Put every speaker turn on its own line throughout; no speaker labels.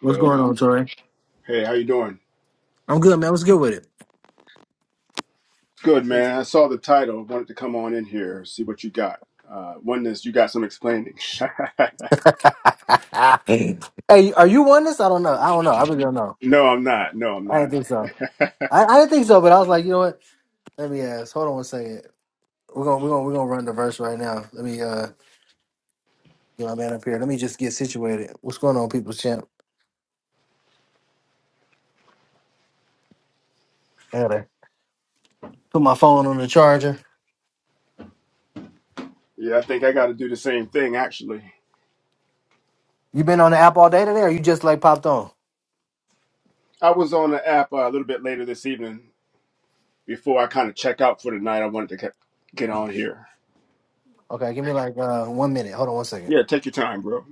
What's
Yo,
going on, Tori?
hey, how you doing?
I'm good, man. What's good with it?
Good, man. I saw the title. Wanted to come on in here, see what you got. Uh, oneness, you got some explaining.
hey, are you on this? I don't know. I don't know. I really don't know.
no, I'm not. No, I'm
I didn't
not.
think so. I, I didn't think so, but I was like, you know what? Let me ask. Hold on one second. We're gonna we're gonna we're gonna run the verse right now. Let me uh get my man up here. Let me just get situated. What's going on, people's champ? I gotta put my phone on the charger.
yeah, I think I got to do the same thing. Actually,
You been on the app all day today, or you just like popped on?
I was on the app uh, a little bit later this evening. Before I kind of check out for the night, I wanted to get get on here.
Okay, give me like uh one minute. Hold on one second.
Yeah, take your time, bro.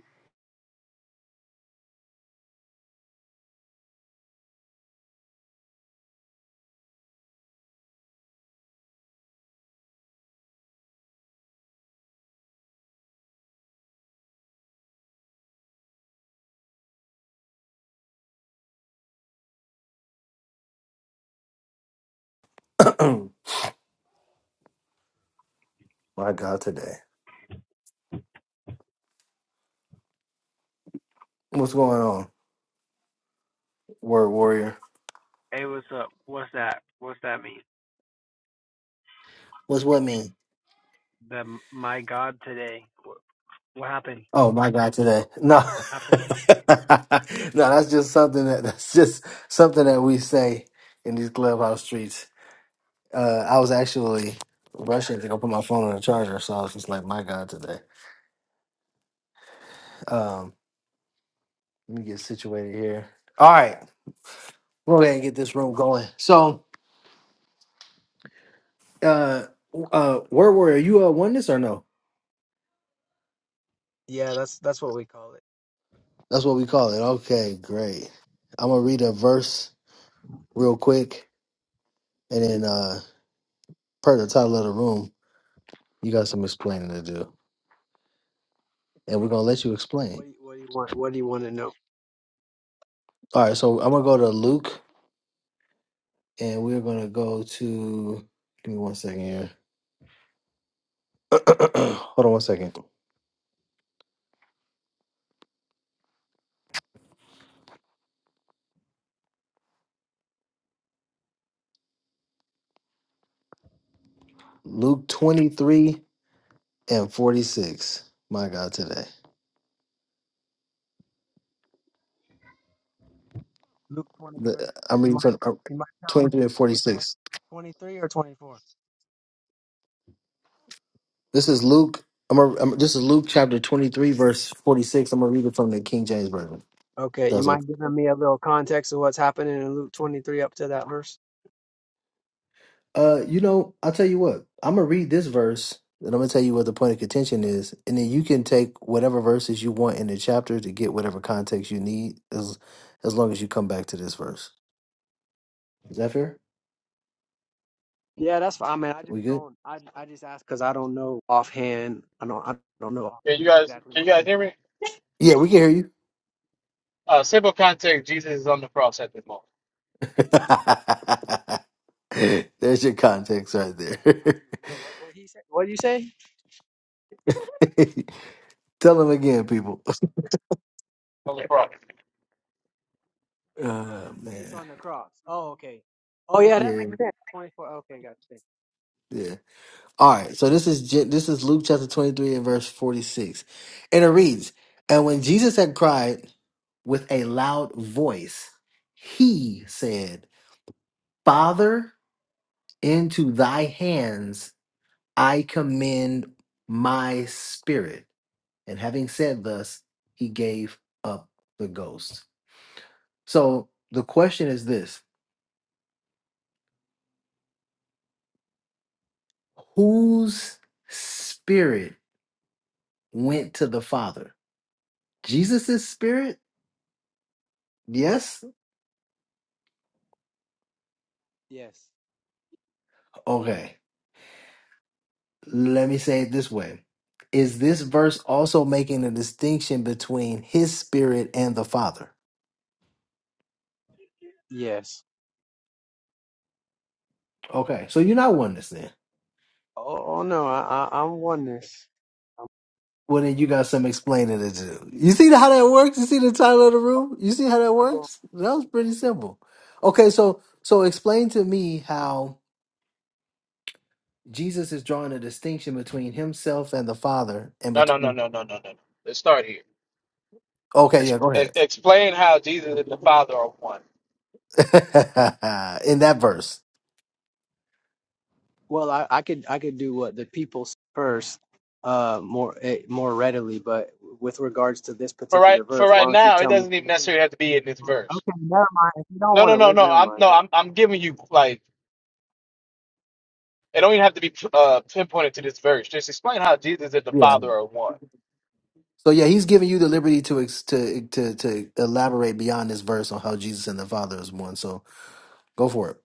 my God, today. What's going on, word warrior?
Hey, what's up? What's that? What's that mean?
What's what mean?
The my God today. What, what happened?
Oh my God, today. No.
Happened?
no, that's just something that that's just something that we say in these clubhouse streets. Uh I was actually rushing to go put my phone on the charger, so I was just like, my God today. Um let me get situated here. All right. We'll go ahead and get this room going. So uh uh word warrior, you uh oneness or no?
Yeah, that's that's what we call it.
That's what we call it. Okay, great. I'm gonna read a verse real quick and then uh per the title of the room, you got some explaining to do. and we're gonna let you
What
explain.
do you, what do you want? What do you want to know?
All right, so I'm gonna go to Luke, and we're gonna go to. Give me one second here. Hold on one second. Luke 23 and 46. My God, today
Luke twenty three.
The- I'm
You
reading
might
from uh,
you might tell me
23 and
what what
46.
twenty three or twenty four.
This is Luke. I'm, gonna- am this is Luke chapter 23 verse 46. I'm gonna read it from the King James version. if
Okay, you
That's okay.
mind giving me a little context of what's happening in Luke twenty three up to that verse?
Uh, you know, I'll tell you what. I'm gonna read this verse, and I'm gonna tell you what the point of contention is, and then you can take whatever verses you want in the chapter to get whatever context you need, as as long as you come back to this verse. Is that fair?
Yeah, that's fine. I mean, I
We
just
good?
don't. I I just ask because I don't know offhand. I don't I don't know
Can you
offhand
guys
exactly
can
what.
you guys hear me?
Yeah, we can hear you.
Uh simple context, Jesus is on the cross at this moment.
There's your context right
I I don't
there.
really know what what he said. What do you say?
tell them again, people.
On the cross.
Oh
Jesus
man.
on the cross. Oh, okay. Oh, yeah, that
Yeah,
makes sense. 24. Okay, got you.
yeah. All right, so this is Je- this is Luke chapter 23 and verse 46. And it reads, "And when Jesus had cried with a loud voice, he said, Father, into thy hands I commend my spirit." And having said thus, he gave up the ghost. So the question is this, whose spirit went to the Father? Jesus' spirit? Yes?
Yes.
Okay. Let me say it this way. Is this verse also making a distinction between his spirit and the Father?
Yes.
Okay, so you're not oneness then.
Oh, oh, no, I, I, I'm oneness. I'm,
Well, then you got some explaining to do. You see how that works? You see the title of the room? You see how that
I go,
works? That was pretty simple. Okay, so so explain to me how Jesus is drawing a distinction between himself and the Father and
No no no
between
no no no no. no. Let's start here.
Okay,
Ex-
yeah, go
ex-
ahead.
Explain how Jesus and the Father are one.
In that verse.
well, I, I could I could do what the people s- first uh more eh, more readily, but with regards to this
For right
particular
for
verse, why
right
don't you
now, it
tell me
doesn't
what
even
you think?
necessarily have to be in this verse.
Okay, never mind. If you don't
No
want
no
to
no
listen,
no.
never
I'm
mind.
no I'm I'm giving you like it don't even have to be uh pinpointed to this verse. Just explain how Jesus and the
Yeah.
Father are one.
So yeah, he's giving you the liberty to ex- to to to elaborate beyond this verse on how Jesus and the Father is one. So go for it.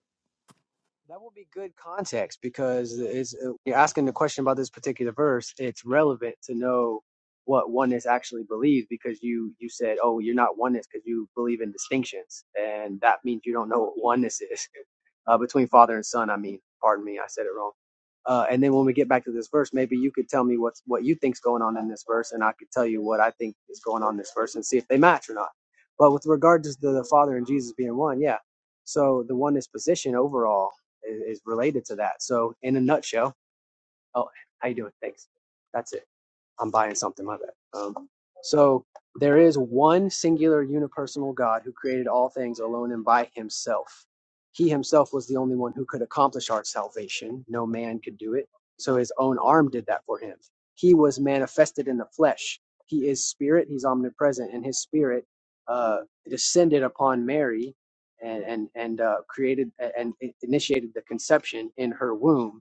That will be good context because it's, uh, you're asking the question about this particular verse. It's relevant to know what oneness actually believes because you you said, "Oh, you're not oneness because you believe in distinctions," and that means you don't know what oneness is uh, between father and son. I mean, pardon me, I said it wrong. Uh, and then when we get back to this verse, maybe you could tell me what's what you think's going on in this verse, and I could tell you what I think is going on in this verse, and see if they match or not. But with regard to the Father and Jesus being one, yeah. So the oneness position overall is, related to that. So in a nutshell, oh, how you doing? Thanks. That's it. I'm buying something, my bad. Um, so there is one singular unipersonal God who created all things alone and by himself. He himself was the only one who could accomplish our salvation. No man could do it. So his own arm did that for him. He was manifested in the flesh. He is spirit. He's omnipresent, and his spirit uh, descended upon Mary and and and uh, created and initiated the conception in her womb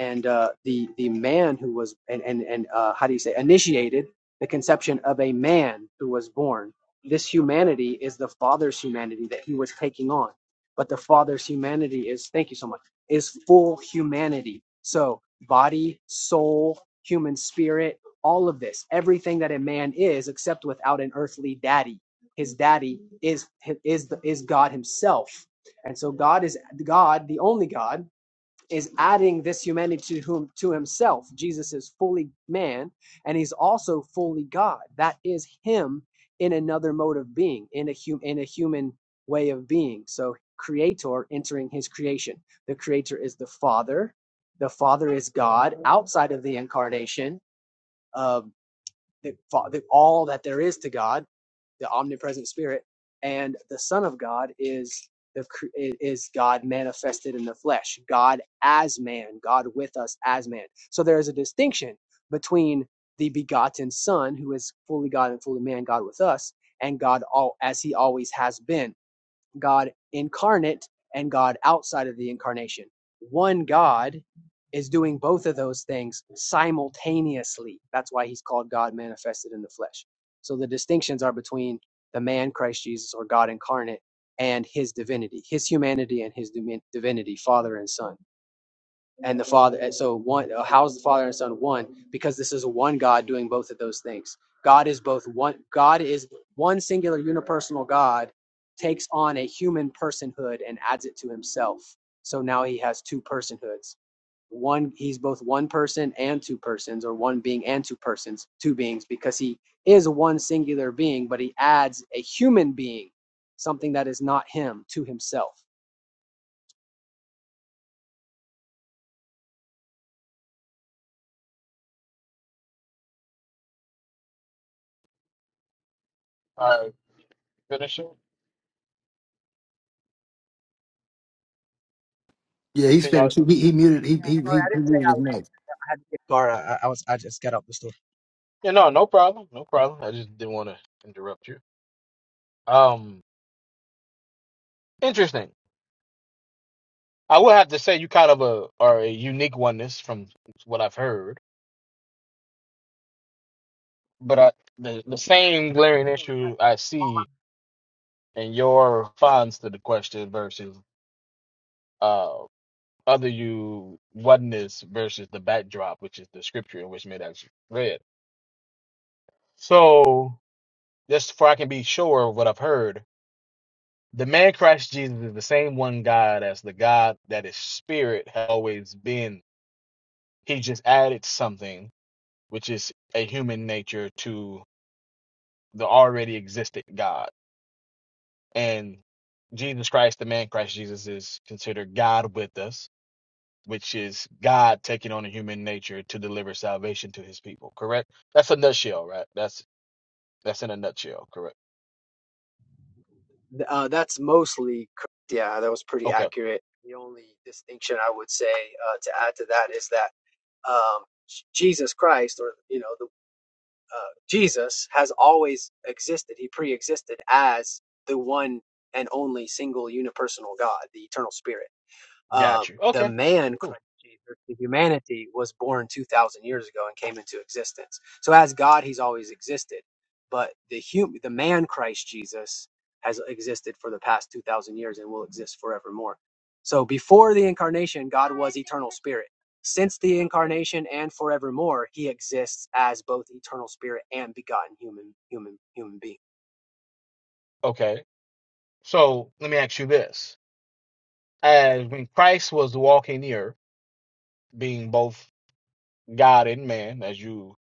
and uh, the the man who was and and, and uh, how do you say initiated the conception of a man who was born. This humanity is the Father's humanity that he was taking on, but the Father's humanity is thank you so much is full humanity. So body, soul, human spirit, all of this, everything that a man is, except without an earthly daddy. His daddy is is the, is God Himself, and so God is God, the only God is adding this humanity to whom to himself. Jesus is fully man and he's also fully God. That is him in another mode of being, in a hum, in a human way of being. So creator entering his creation. The creator is the Father. The Father is God outside of the incarnation. Uh, the, the all that there is to God, the omnipresent Spirit, and the Son of God is the is God manifested in the flesh, God as man, God with us as man. So there is a distinction between the begotten Son, who is fully God and fully man, God with us, and God all as He always has been God incarnate and God outside of the incarnation. One God is doing both of those things simultaneously. That's why he's called God manifested in the flesh. So the distinctions are between the man Christ Jesus or God incarnate and his divinity, his humanity and his divinity, Father and Son and the Father. And so one, uh, how is the Father and Son one? Because this is one God doing both of those things. God is both one. God is one singular unipersonal God takes on a human personhood and adds it to Himself. So now He has two personhoods. One, He's both one person and two persons, or one being and two persons, two beings, because He is one singular being, but He adds a human being, something that is not Him, to Himself.
All right, finish it.
Yeah,
Or
he's
can y'all
finished. He, he muted. He, he he he muted his mic.
Sorry, I, I was I just got out the store.
Yeah, no, no problem. No problem. I just didn't want to interrupt you. Um interesting. I would have to say you kind of a are a unique oneness from what I've heard, but I, the the same glaring
So
issue I see in your response to the question versus uh other you oneness versus the backdrop, which is the scripture in which made actually read. So just for I can be sure of what I've heard, the man Christ Jesus is the same one God as the God that is spirit has always been. He just added something, which is a human nature to. the already existed God. And Jesus Christ, the man Christ Jesus, is considered God with us, which is God taking on a human nature to deliver salvation to his people, correct? That's a nutshell, right? That's that's in a nutshell, correct?
Uh, that's mostly correct. Yeah, that was pretty
Okay.
accurate. The only distinction I would say uh, to add to that is that um, Jesus Christ, or you know, the uh, Jesus has always existed. He pre-existed as the one and only single unipersonal God, the eternal Spirit uh,
Got you.
the
Okay.
man
Cool.
Christ Jesus, the humanity, was born 2,000 years ago and came into existence. So as God, he's always existed, but the hum- the man Christ Jesus has existed for the past 2,000 years and will exist forevermore. So before the incarnation, God was eternal spirit. Since the incarnation and forevermore, he exists as both eternal spirit and begotten human human human being.
Okay. So let me ask you this. As when Christ was walking the earth, being both God and man, as you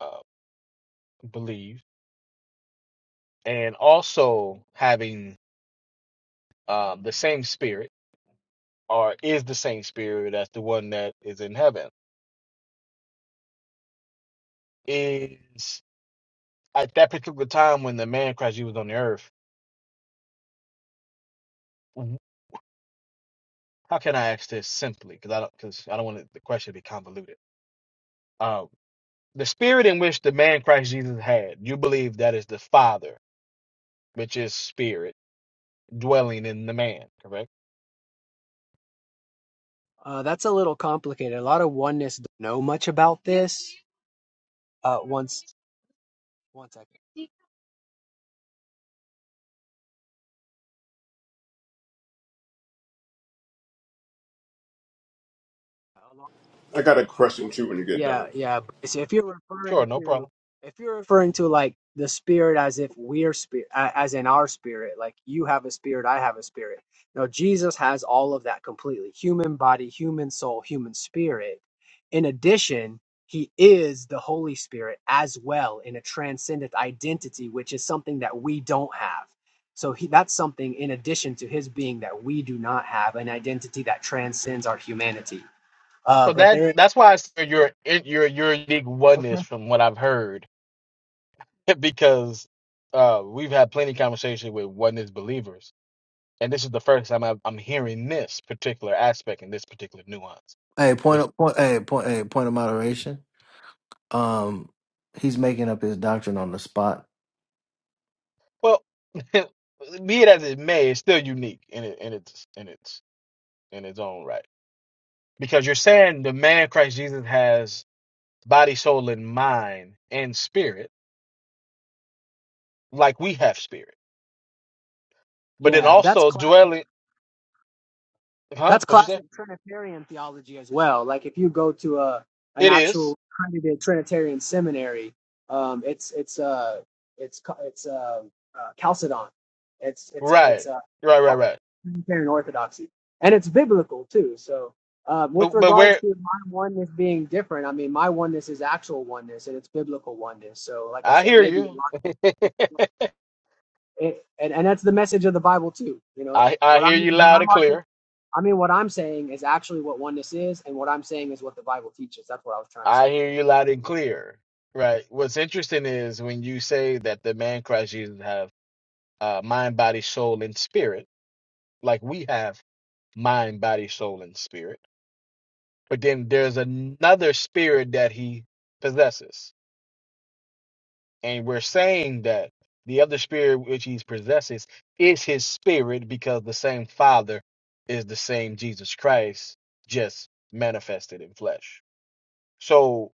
uh, believe, and also having uh, the same spirit or is the same spirit as the one that is in heaven? Is at that particular time when the man Christ Jesus was on the earth? w- How can I ask this simply? Because I don't because I don't want the question to be convoluted. Um, the spirit in which the man Christ Jesus had, you believe that is the Father, which is spirit dwelling in the man, correct?
Uh, that's a little complicated. A lot of oneness don't know much about this. Uh, once one second. along-
I got a question too when you get
Yeah,
done.
yeah. But see, if you're referring
Sure, no
to,
problem.
if you're referring to like the spirit as if we're spirit, as in our spirit, like you have a spirit, I have a spirit. No, Jesus has all of that completely: human body, human soul, human spirit. In addition, he is the Holy Spirit as well in a transcendent identity, which is something that we don't have. So he, that's something in addition to his being that we do not have an identity that transcends our humanity. Uh,
So
but
that
there.
that's why I say your your your unique
okay.
oneness from what I've heard, because uh, we've had plenty of conversations with oneness believers and this is the first time I've, I'm hearing this particular aspect and this particular nuance.
Hey, point
Which,
of point. Hey, point. Hey, point of moderation. Um, he's making up his doctrine on the spot.
well, be it as it may, it's still unique in it, in its in its in its own right. Because you're saying the man Christ Jesus has body, soul, and mind and spirit, like we have spirit. But then
Yeah, that's
also
classic.
dwelling, huh?
That's
What you say?
classic Trinitarian theology as well. Like if you go to a an
It is
actual accredited Trinitarian seminary, um, it's it's uh it's ca- it's uh, uh Chalcedon. It's it's it's
right,
uh
right,
uh,
right, right.
Trinitarian Orthodoxy, and it's biblical too. So um, with
But but
regards
where
to my oneness being different, I mean my oneness is actual oneness and it's biblical oneness. So like I
I
said,
hear
maybe a
you,
lot of it, and and that's the message of the Bible too. You know
I I
what
hear
I'm
you
what
loud
I'm
and
articulating.
clear
I mean, what I'm saying is actually what oneness is, and what I'm saying is what the Bible teaches. That's what I was trying to say.
I hear you loud and clear. Right. What's interesting is when you say that the man Christ Jesus have uh, mind, body, soul, and spirit, like we have mind, body, soul, and spirit. But then there's another spirit that he possesses, and we're saying that the other spirit which he possesses is his spirit because the same Father is the same Jesus Christ, just manifested in flesh. So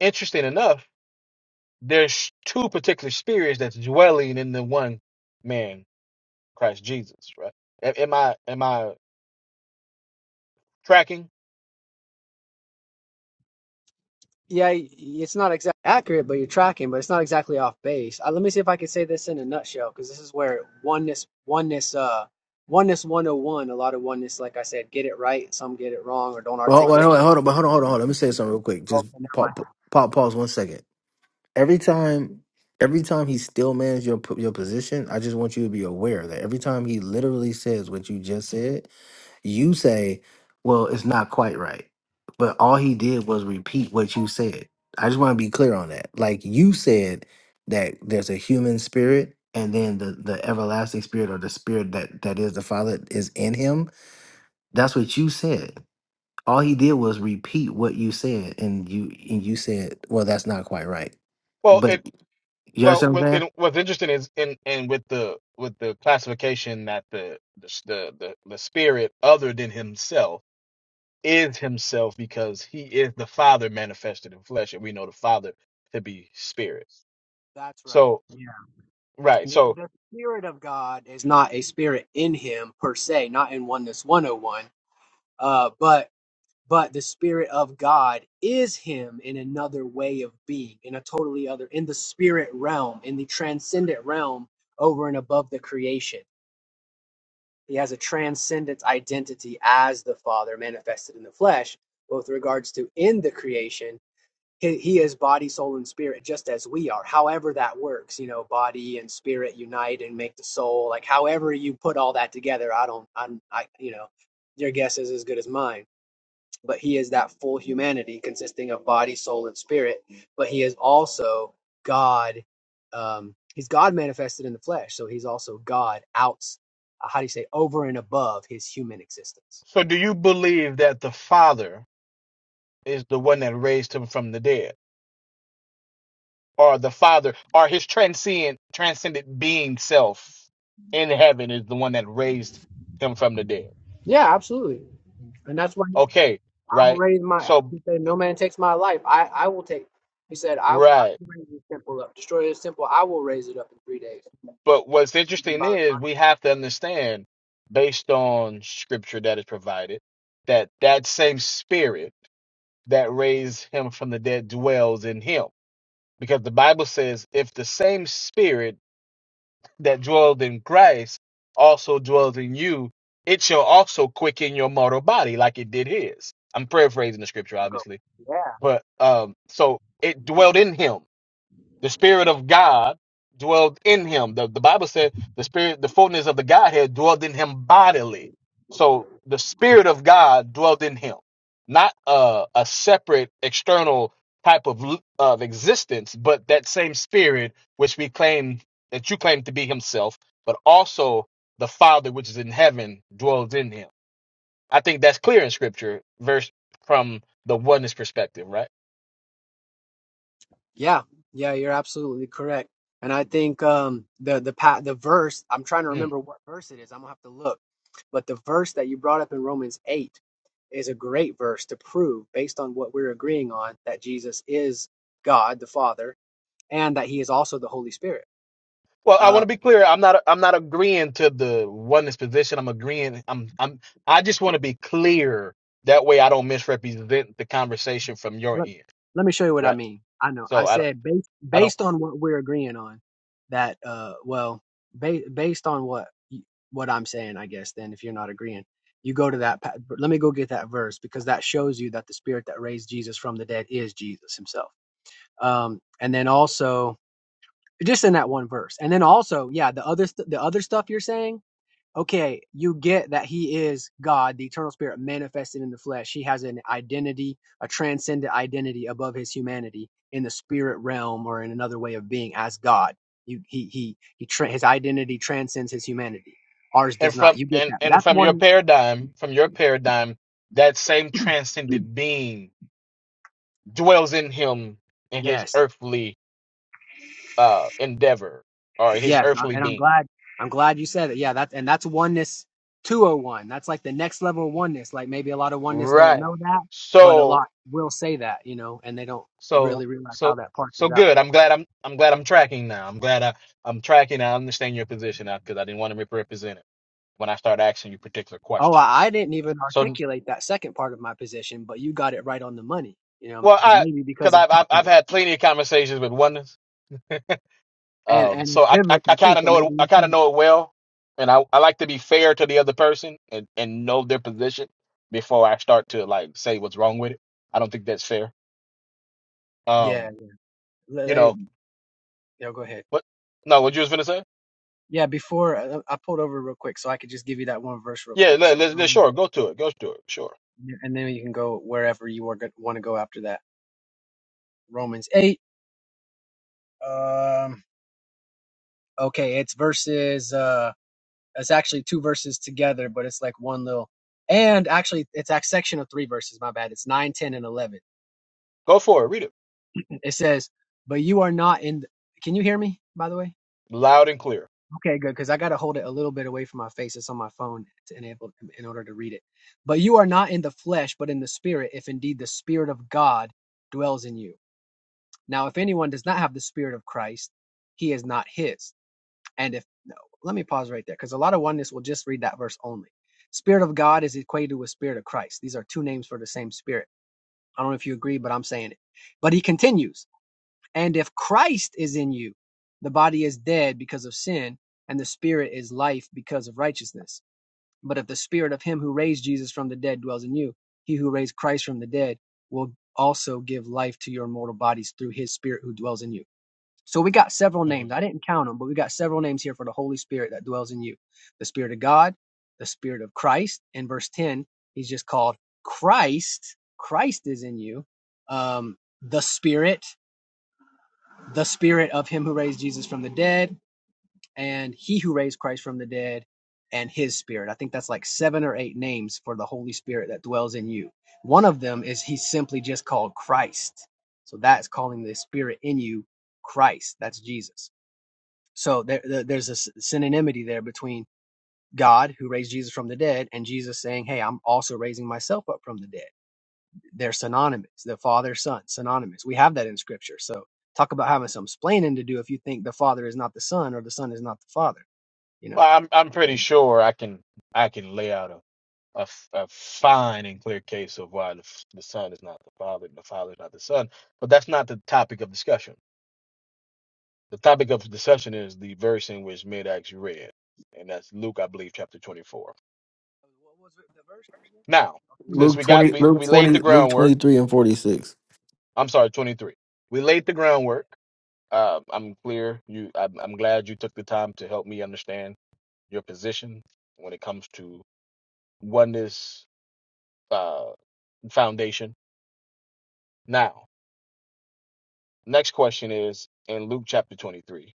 interesting enough there's two particular spirits that's dwelling in the one man, Christ Jesus, right? A- Am I am I tracking?
Yeah, it's not exactly accurate, but you're tracking, but it's not exactly off base. Uh, let me see if I can say this in a nutshell, because this is where oneness, oneness, uh, oneness 101. A lot of oneness, like I said, get it right. Some get it wrong or don't
Well, wait,
articulate.
wait, hold on, but hold on, hold on, hold on. Let me say something real quick.
Oh,
Just
never mind.
pop, pop, pause one second. Every time, every time he still mans your p- your position, I just want you to be aware that every time he literally says what you just said, You say, well, it's not quite right. But all he did was repeat what you said. I just want to be clear on that. Like you said that there's a human spirit and then the, the everlasting spirit or the spirit that, that is the Father is in him. That's what you said. All he did was repeat what you said and you and you said, Well, that's not quite right.
Well,
But
it
you
well
understand
what-
what I'm saying?
it, what's interesting is in and with the with the classification that the the s- the the the spirit other than himself is himself because he is the Father manifested in flesh, and we know the Father to be spirit.
That's right.
So
Yeah.
right,
The,
so
the spirit of God is not a spirit in Him per se, not in oneness 101. Uh, but but the spirit of god is him in another way of being in a totally other in the spirit realm in the transcendent realm over and above the creation he has a transcendent identity as the father manifested in the flesh but with regards to in the creation he, he is body soul and spirit just as we are however that works you know body and spirit unite and make the soul like however you put all that together i don't i'm i you know your guess is as good as mine but he is that full humanity consisting of body, soul, and spirit. But he is also God. Um, he's God manifested in the flesh, so he's also God out. How do you say over and above his human existence?
so do you believe that the Father is the one that raised him from the dead? or the Father or his transcend transcendent being self in heaven is the one that raised him from the dead.
Yeah, absolutely. And that's why he-
Okay,
I will
right?
raise my.
So
He said, "No man takes my life. I I will take." He said, "I I
right.
will raise this temple up, destroy this temple. I will raise it up in three days."
But what's
Thinking
interesting
about
is
my
we have to understand based on scripture that is provided that that same spirit that raised him from the dead dwells in him because the bible says if the same spirit that dwelled in Christ also dwells in you, it shall also quicken your mortal body like it did his. I'm paraphrasing the scripture, obviously,
people.
but um, so it dwelled in him the Spirit of God dwelled in him. The, the Bible said the Spirit, the fullness of the Godhead dwelled in him bodily. So the Spirit of God dwelled in him, not a, a separate external type of l- of existence, but that same Spirit which we claim that you claim to be Himself, but also the Father which is in heaven dwells in him. I think that's clear in Scripture, verse from the oneness perspective, right?
Yeah, yeah, you're absolutely correct. And I think um the the pa- the verse I'm trying to
Hmm.
remember what verse it is. I'm gonna have to look. But the verse that you brought up in Romans eight is a great verse to prove, based on what we're agreeing on, that Jesus is God the Father and that He is also the Holy Spirit.
Well, I want to be
Um,
clear. I'm not. I'm not agreeing to the oneness position. I'm agreeing. I'm. I'm. I just want to be clear. That way, I don't misrepresent the conversation from your
let,
end,
let me show you what I
right?
mean. I know. I
So I don't.
said based
I don't.
based on what we're agreeing on, that uh, well, ba- based on what y- what I'm saying, I guess. Then, if you're not agreeing, you go to that. pa- Let me go get that verse because that shows you that the Spirit that raised Jesus from the dead is Jesus Himself. Um, and then also just in that one verse, and then also, yeah, the other st- the other stuff you're saying okay, you get that he is God, the eternal spirit manifested in the flesh. He has an identity, a transcendent identity above his humanity in the spirit realm or in another way of being as God. You, he, he, he, tra- his identity transcends his humanity. Ours
And
does not.
from
You get
and
that.
and
That's
from your
one.
paradigm, from your paradigm, that same transcendent being dwells in him in his
Yes.
earthly uh endeavor or his
Yes.
earthly
And I'm
being,
glad, I'm glad you said it. Yeah. That's, and that's oneness 201. That's like the next level of oneness. Like maybe a lot of oneness don't
right?
know that, but a
So
lot will say that, you know, and they don't really
So
realize
so
how that parts
so
is out.
good. I'm glad I'm I'm glad I'm tracking now. I'm glad I I'm tracking. I understand your position now because I didn't want to misrepresent it when I start asking you particular
Oh, I
questions.
I didn't even
So
articulate that second part of my position, but you got it right on the money. You know,
well, I
maybe
because
because of
I've, I've
talking
I've
to-
had plenty of conversations with oneness,
and
um,
and
so
it's
I I, I
biblical too,
kind of
so
know it.
maybe
I
you
kind of
see it.
know it well, and I I like to be fair to the other person and and know their position before I start to like say what's wrong with it. I don't think that's fair.
Yeah,
Um,
le-
you
hey,
know,
yo, go ahead.
but no, what you was gonna say?
Yeah, before I, I pulled over real quick, so I could just give you that one verse real
Yeah,
quick.
let,
So,
let, let-
Romans,
sure, go to it, go to it, sure.
and then you can go wherever you are good, want to go after that. Romans eight. Um, okay, it's verses. Uh, it's actually two verses together, but it's like one little. And actually, it's a section of three verses. My bad. It's nine, ten, and eleven
Go for it. Read it
It says, "But you are not in." th- Can you hear me? By the way.
loud and clear.
Okay, good. Because I got to hold it a little bit away from my face. It's on my phone to enable in order to read it. But you are not in the flesh, but in the spirit, if indeed the spirit of God dwells in you. Now, if anyone does not have the spirit of Christ, he is not his. And if no, let me pause right there because a lot of oneness will just read that verse only. Spirit of God is equated with spirit of Christ. These are two names for the same spirit. I don't know if you agree, but I'm saying it. But he continues. And if Christ is in you, the body is dead because of sin, and the spirit is life because of righteousness. But if the spirit of him who raised Jesus from the dead dwells in you, he who raised Christ from the dead will also give life to your mortal bodies through his spirit who dwells in you. So we got several
hmm
names. I didn't count them, but we got several names here for the Holy Spirit that dwells in you. The Spirit of God, the Spirit of Christ. In verse 10, he's just called Christ. Christ is in you. Um, the Spirit, the spirit of him who raised Jesus from the dead and he who raised Christ from the dead and his spirit. I think that's like seven or eight names for the Holy Spirit that dwells in you. One of them is he's simply just called Christ. So that's calling the spirit in you Christ. That's Jesus. So there, there- there's a synonymity there between God who raised Jesus from the dead and Jesus saying, "Hey, I'm also raising myself up from the dead." They're synonymous. The Father, Son, synonymous. We have that in Scripture. So talk about having some splaining to do if you think the Father is not the Son or the Son is not the Father. You know.
Well, I'm I'm pretty sure I can I can lay out a, a f- a fine and clear case of why the, f- the son is not the father and the father is not the son. But that's not the topic of discussion. The topic of discussion is the verse in which Midax read, and that's Luke, I believe, chapter 24.
What was it- the verse?
Now,
again?
since
Luke
we got
twenty
we,
Luke
we laid
twenty
the
Luke
groundwork.
twenty three and forty six.
I'm sorry, 23. We laid the
Yeah,
groundwork. Uh, I'm clear. You, I'm, I'm glad you took the time to help me understand your position when it comes to oneness uh, foundation. Now, next question is in Luke chapter 23.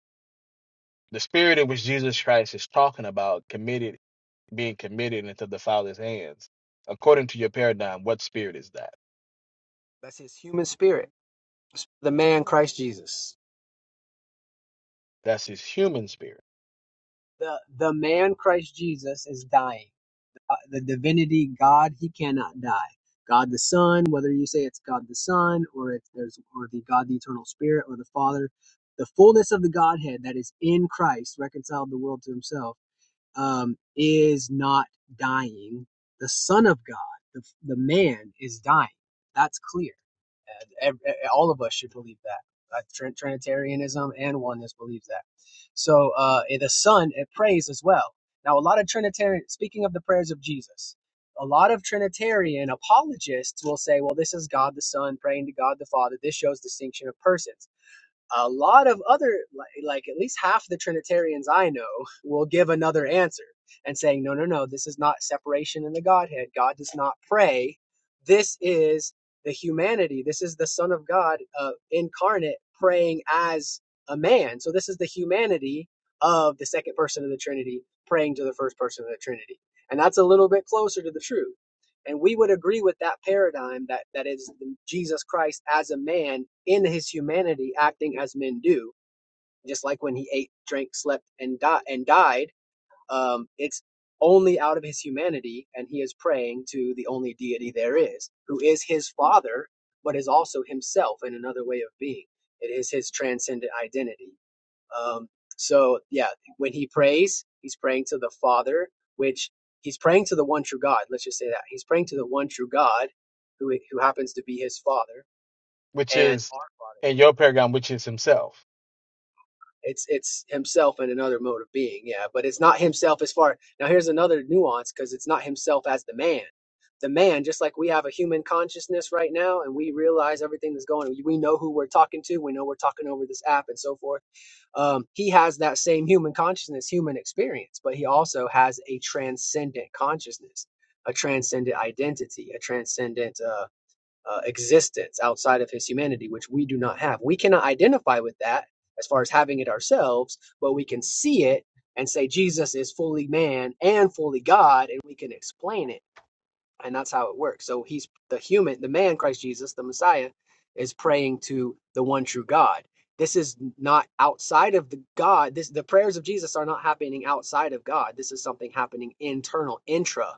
The spirit in which Jesus Christ is talking about committed being committed into the Father's hands. According to your paradigm, what spirit is that?
that's his human spirit. The man Christ Jesus.
That's his human spirit,
The the man Christ Jesus is dying. uh, the divinity God, he cannot die. God the Son, whether you say it's God the Son or it's there's or the God the Eternal Spirit or the Father, the fullness of the Godhead that is in Christ reconciled the world to Himself um, is not dying. The Son of God, the, the man, is dying. That's clear. And all of us should believe that. Uh, Trinitarianism and oneness believes that. So uh, eh, the Son, it prays as well. Now, a lot of Trinitarian, speaking of the prayers of Jesus, a lot of Trinitarian apologists will say, well, this is God the Son praying to God the Father. This shows distinction of persons a lot of other like at least half the trinitarians i know will give another answer and saying no no no this is not separation in the godhead god does not pray this is the humanity this is the son of god uh, incarnate praying as a man so this is the humanity of the second person of the trinity praying to the first person of the trinity and that's a little bit closer to the truth and we would agree with that paradigm that, that is Jesus Christ as a man in his humanity acting as men do, just like when he ate, drank, slept, and, di- and died. Um, it's only out of his humanity, and he is praying to the only deity there is, who is his father, but is also himself in another way of being. It is his transcendent identity. Um, so yeah, when he prays, he's praying to the Father, which he's praying to the one true God. Let's just say that he's praying to the one true God, who who happens to be his Father
which
and
is
our Father.
in your paradigm, which is himself.
It's it's himself in another mode of being, yeah. But it's not himself as far. Now here's another nuance because it's not himself as the man. The man, just like we have a human consciousness right now, and we realize everything that's going. on. We know who we're talking to. We know we're talking over this app and so forth. Um, he has that same human consciousness, human experience, but he also has a transcendent consciousness, a transcendent identity, a transcendent. uh, uh, existence outside of his humanity, which we do not have. We cannot identify with that as far as having it ourselves, but we can see it and say Jesus is fully man and fully God, and we can explain it. And that's how it works. So he's the human, the man, Christ Jesus, the Messiah, is praying to the one true God. This is not outside of the God. This the prayers of Jesus are not happening outside of God. This is something happening internal, intra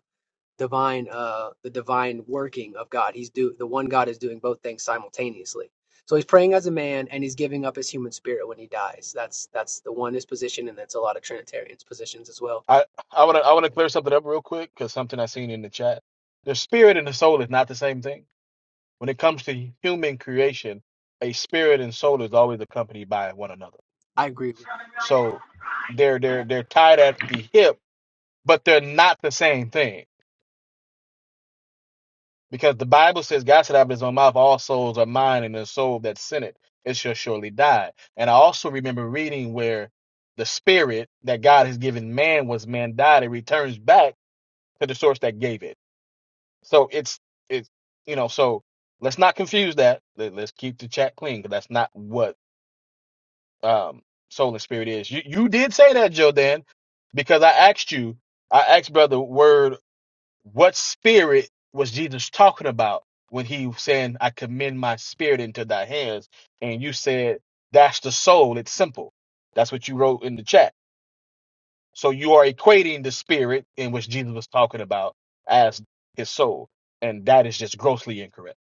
divine uh the divine working of God. He's do the one God is doing both things simultaneously. So he's praying as a man and he's giving up his human spirit when he dies. That's that's the oneness position and that's a lot of Trinitarians positions as well.
I I want to I want to clear something up real quick because something I seen in the chat. The spirit and the soul is not the same thing. When it comes to human creation, a spirit and soul is always accompanied by one another
I agree with you.
So they're they're they're tied at the hip, but they're not the same thing. Because the Bible says God said out of his own mouth, all souls are mine, and the soul that sinned it, it shall surely die. And I also remember reading where the spirit that God has given man was man died, it returns back to the source that gave it. So it's it's you know, so let's not confuse that. Let, let's keep the chat clean because that's not what um soul and spirit is. You you did say that, Jordan, because I asked you, I asked Brother Word, what spirit was Jesus talking about when he was saying, I commend my spirit into thy hands? And you said, That's the soul, it's simple. That's what you wrote in the chat. So you are equating the spirit in which Jesus was talking about as his soul. And that is just grossly incorrect.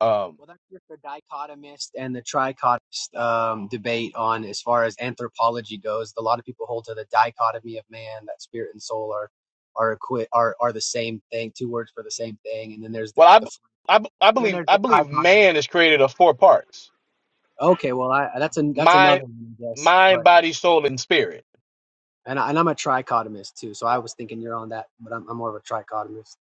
Um
Well that's just the dichotomist and the trichotomist um, debate on as far as anthropology goes. A lot of people hold to the dichotomy of man, that spirit and soul are are equi- are are the same thing, two words for the same thing, and then there's the,
well I
the
b- I, b- I
and then
believe
there's
I
the
believe
trichotomy.
man is created of four parts.
Okay, well, I that's an that's
mind.
another one, I guess.
mind,
But
body, soul, and spirit.
and I, and I'm a trichotomist too, so I was thinking you're on that, but I'm I'm more of a trichotomist.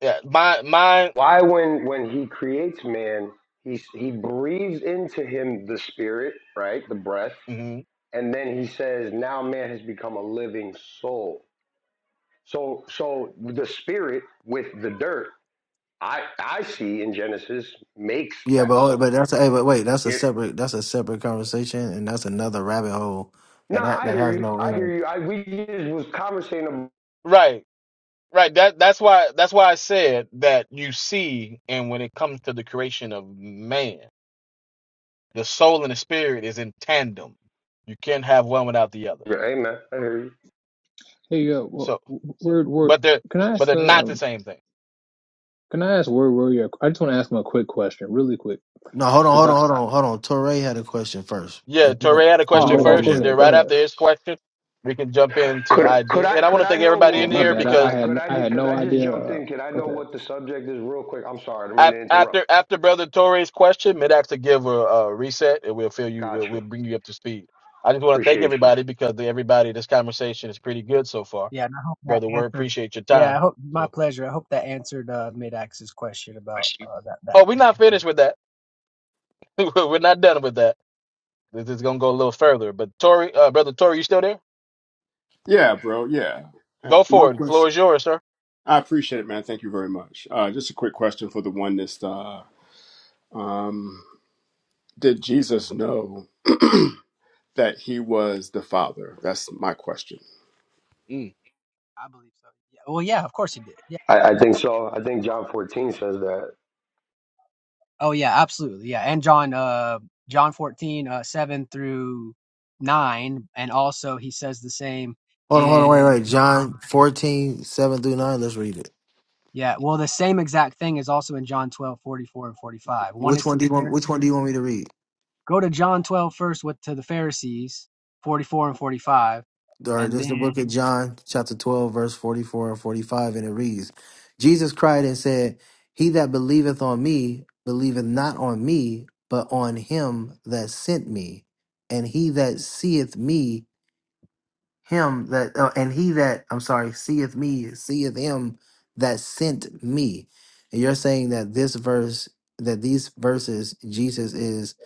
Yeah, mind, mind.
Why when when he creates man, he he breathes into him the spirit, right? The breath,
mhm.
and then he says, "Now man has become a living soul." So so the spirit with the dirt, I I see in Genesis makes
Yeah,
that
but hold-
soul.
but that's a, hey, but wait, that's a
It
separate that's a separate conversation, and that's another rabbit hole
no,
that ha-
I
that
hear
has
you.
no
I hear
end.
you. I we just was conversating about
Right, right. That that's why that's why I said that you see, and when it comes to the creation of man, the soul and the spirit is in tandem. You can't have one without the other.
Amen. I hear you.
Hey, uh, wh-
So,
wh- where, where,
but they're
can I
but
ask,
they're not the
um,
same thing.
can I ask where were you? I just want to ask him a quick question, really quick,
No, hold on,
because
hold
I,
on, hold on, hold on. Torre had a question first.
Yeah,
If you
Torre
don't,
had a
if you
question
oh, oh,
don't-
first,
yeah,
go
yeah.
and
ahead,
then
go
right
ahead.
after his question, we can jump into
Could could
ID. And
I
I want
could
to
I
thank
know
everybody
Yeah,
in
what
my
here
we're
bad. I,
could
I
because.
I could
had,
I
I had
because
no
I just
idea.
jumped
Uh,
in. Could I
go
know
ahead.
what the subject is real quick? I'm sorry. I didn't mean
Af-
to interrupt.
After after Brother Torres' question, mid have to give a, a reset, and we'll fill you.
Got
We'll,
you.
we'll bring you up to speed. I just want to thank
Appreciate you.
everybody because the, everybody, this conversation is pretty good so far,
Yeah, and I hope that
Brother Word.
answered.
Appreciate your
Yeah, I
time.
hope my
So,
pleasure. I hope that answered uh, Mid-Ax's question about uh, that
oh,
that.
we're not finished with that. we're not done with that. This is gonna go a little further. But Tori, uh, Brother Tori, you still there?
Yeah, bro. Yeah. And
Go
my
for it. Floor
question.
is yours, sir.
I appreciate it, man. Thank you very much. Uh, just a quick question for the oneness. Uh, um, did Jesus know that he was the Father? That's my question.
Mm.
I believe so. Yeah. Well, yeah, of course you did. Yeah. Oh,
I, I
he-
think so. I think John 14 says that.
oh yeah, absolutely. Yeah, and John uh John 14 uh 7 through 9 and also he says the same
Hold on, hold on, wait,
in
wait. John 14 7 through nine. Let's read it.
yeah, well the same exact thing is also in John 12 44 and 45. One
Which
is to
one do
the
you want? Which
Pharisees
one do you want me to read?
Go to John 12 first. first with to the Pharisees, 44 and 45,
All right,
and
this is the
then
book of John, chapter 12, verse 44 and 45, and it reads Jesus cried and said, He that believeth on me believeth not on me, but on him that sent me. And he that seeth me, him that, uh, and he that, I'm sorry, seeth me, seeth him that sent me. And you're saying that this verse, that these verses, Jesus is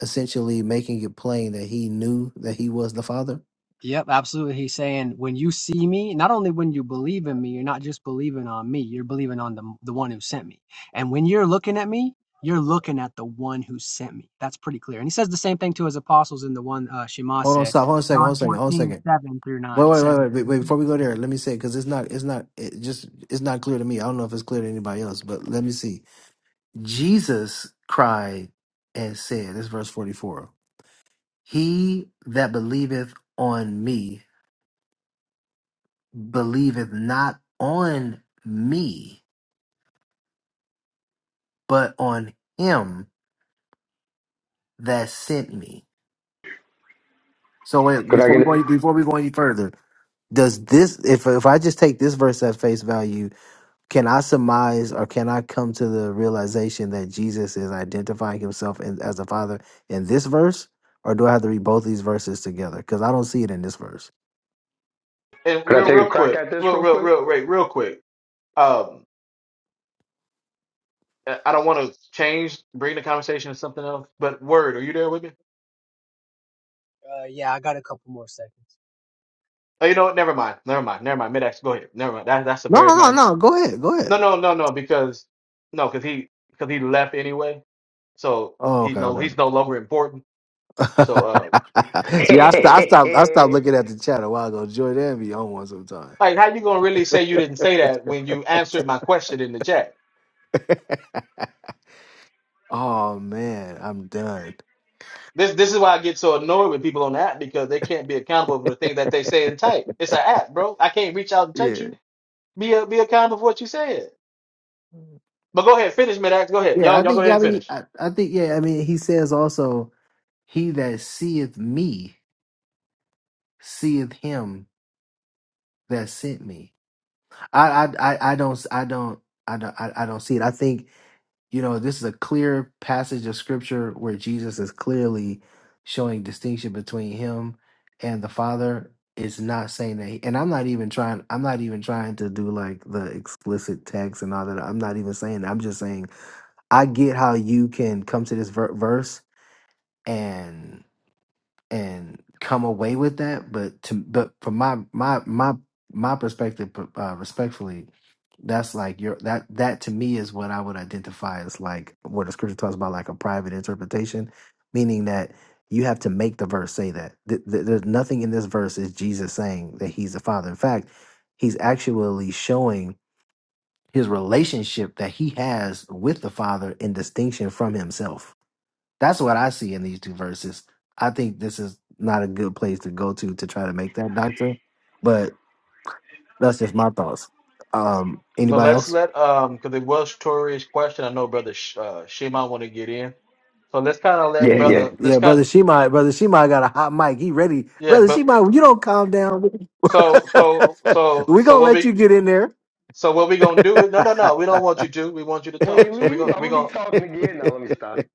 essentially making it plain that he knew that he was the Father?
yep, absolutely. He's saying when you see me, not only when you believe in me, you're not just believing on me, you're believing on the the one who sent me. And when you're looking at me, you're looking at the one who sent me. That's pretty clear. And he says the same thing to his apostles in the one uh, Shema
Hold on,
said,
stop. Hold on a second. Hold
John
on a second. Hold on a
14
second.
7 through
Wait,
9,
wait, wait,
7.
wait, wait. wait, Before we go there, let me say because it's not, it's not, it just, it's not clear to me. I don't know if it's clear to anybody else, but let me see. Jesus cried and said, "This is verse forty-four. He that believeth on me believeth not on me, but on him that sent me." So wait,
Could I
before we
get?
go any- before we go any further, does this if if I just take this verse at face value, can I surmise or can I come to the realization that Jesus is identifying himself in, as the Father in this verse, or do I have to read both these verses together? Because I don't see it in this verse.
And
Could I
real,
It's
take a
real
pretty
crack
cool.
quick,
at this
real,
real
real,
quick?
real, real, real quick. Um, I I don't want to change, bring the conversation to something else. But Word, are you there with me?
Uh, yeah, I got a couple more seconds.
Oh, you know what? Never mind. Never mind. Never mind. Mid-X, go ahead. Never mind. That that's a
No,
very
no, no,
mind.
no. Go ahead, go
No,
ahead.
no, no, no. Because no, because he because he left anyway. So
Oh,
he's
okay,
no
okay.
he's no longer important. So uh,
yeah, I, st- I stopped. I stopped
yeah,
looking at the chat a while ago. Jordan be on one sometime.
like how you gonna really say you didn't say that when you answered my question in the chat?
oh man, I'm done.
This this is why I get so annoyed with people on the app because they can't be accountable for the things that they say and type. It's an app, bro. I can't reach out and touch you. Be a, be accountable for what you said.
Yeah.
But go ahead, finish, Mid-X. Go ahead.
Yeah, I
Y'all y'all go
think.
ahead
Yeah, I
and
mean,
finish.
I, I think. Yeah, I mean, he says also, "He that seeth me seeth him that sent me." I, I, I, I don't, I don't, I don't, I, I don't see it. I think you know this is a clear passage of scripture where Jesus is clearly showing distinction between him and the Father. It's not saying that, he, and I'm not even trying. I'm not even trying to do like the explicit text and all that. I'm not even saying. That. I'm just saying I get how you can come to this ver- verse and and come away with that but to but from my my my my perspective uh, respectfully that's like your that that to me is what i would identify as like what the scripture talks about like a private interpretation meaning that you have to make the verse say that Th- th- there's nothing in this verse is jesus saying that he's the father in fact he's actually showing his relationship that he has with the father in distinction from himself that's what I see in these two verses. I think this is not a good place to go to to try to make that doctrine, but that's just my thoughts. Um,
But
anybody
let's
else?
let um because it was Tori's question. I know brother Sh- uh, Shimon want to get in, so let's kind of
Yeah,
let
we
yeah.
brother.
do.
Let's
yeah,
kind
brother Shemai, brother Shemai got a hot mic. He ready,
yeah.
brother
But
Shemai. when You don't calm down.
so so so
we
so
gonna
what
let
we
you get in there.
so what we gonna do is no no no. We don't want you to. We want you to
When
talk.
you
So we
leave,
gonna
I'm
we
gonna be
gonna
talking again. Now let me stop.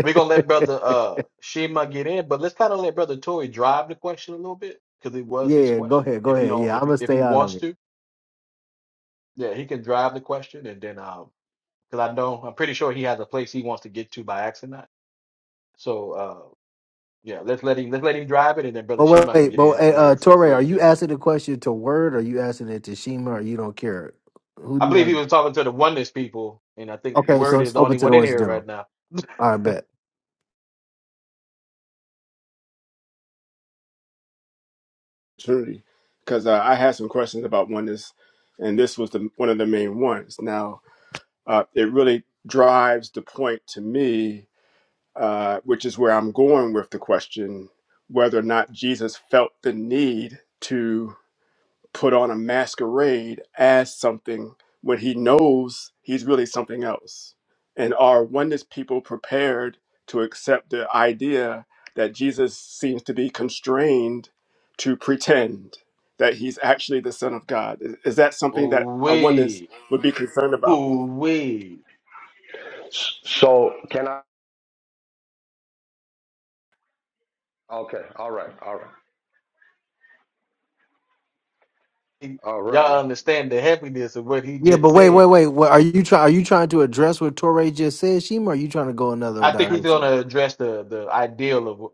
we gonna let brother uh Shema get in. But let's kind of let brother Tori drive the question a little bit because it was his
yeah, go
question.
ahead, go
If he
ahead.
don't
Yeah,
if
I'm
he,
gonna
if he
stay out of
wants
it.
to, yeah, he can drive the question and then um because I know I'm pretty sure he has a place he wants to get to by accident. So. uh, Yeah, let's let him let's let him drive it, and then Brother
But wait,
Shema can
wait
get
but
in
hey,
where he
uh,
fit,
Torre,
where
are
he
you
fits in.
asking the question to Word? Or are you asking it to Shima? Or you don't care? Who do
I
you
believe he
want?
was talking to the oneness people, and I think
Okay, so
Word is
it's
the only
open to
one
the
in
West
here right
General.
now.
I bet.
Trinity, because uh, I had some questions about oneness, and this was the, one of the main ones. Now, uh, it really drives the point to me, uh, which is where I'm going with the question whether or not Jesus felt the need to. put on a masquerade as something when he knows he's really something else? And are oneness people prepared to accept the idea that Jesus seems to be constrained to pretend that he's actually the Son of God? Is is that something that a oneness
Ooh-wee.
would be concerned about?
Ooh-wee.
S- So can I? Okay. All right. All right. All
Y'all
righty.
understand the heaviness of what he
Yeah,
just
but wait, wait,
said.
wait. What are you trying? Are you trying to address what Torre just said, Shima? Or are you trying to go another
I think he's going
direction?
to address the the ideal of. what-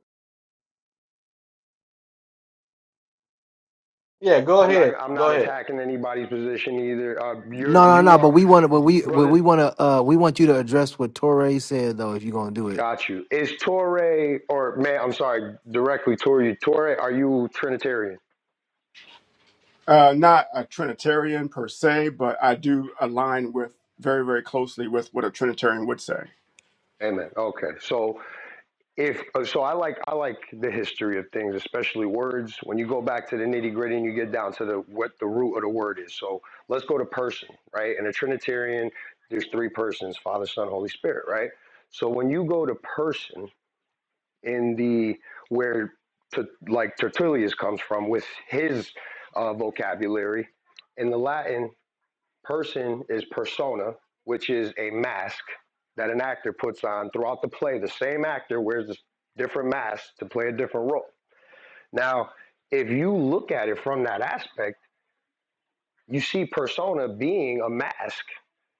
Yeah, go
I'm not.
ahead,
I'm
go
not
ahead.
attacking anybody's position either. Uh,
No,
you're.
no,
You
no. But
are,
we want to. But we, but
brother.
we want to. Uh, we want you to address what Torre said, though. If you're gonna do it,
Got you. Is Torre or man? I'm sorry. Directly to you, Torre. Are you Trinitarian?
Uh, not a Trinitarian per se, but I do align with very, very closely with what a Trinitarian would say.
Amen. Okay. So if oh, so i like i like the history of things especially words when you go back to the nitty gritty and you get down to the what the root of the word is so let's go to person right in a trinitarian there's three persons father son holy spirit right so when you go to person in the where to, like tertullius comes from with his uh, vocabulary in the latin Person is persona, which is a mask that an actor puts on throughout the play. The same actor wears this different mask to play a different role. Now, if you look at it from that aspect, you see persona being a mask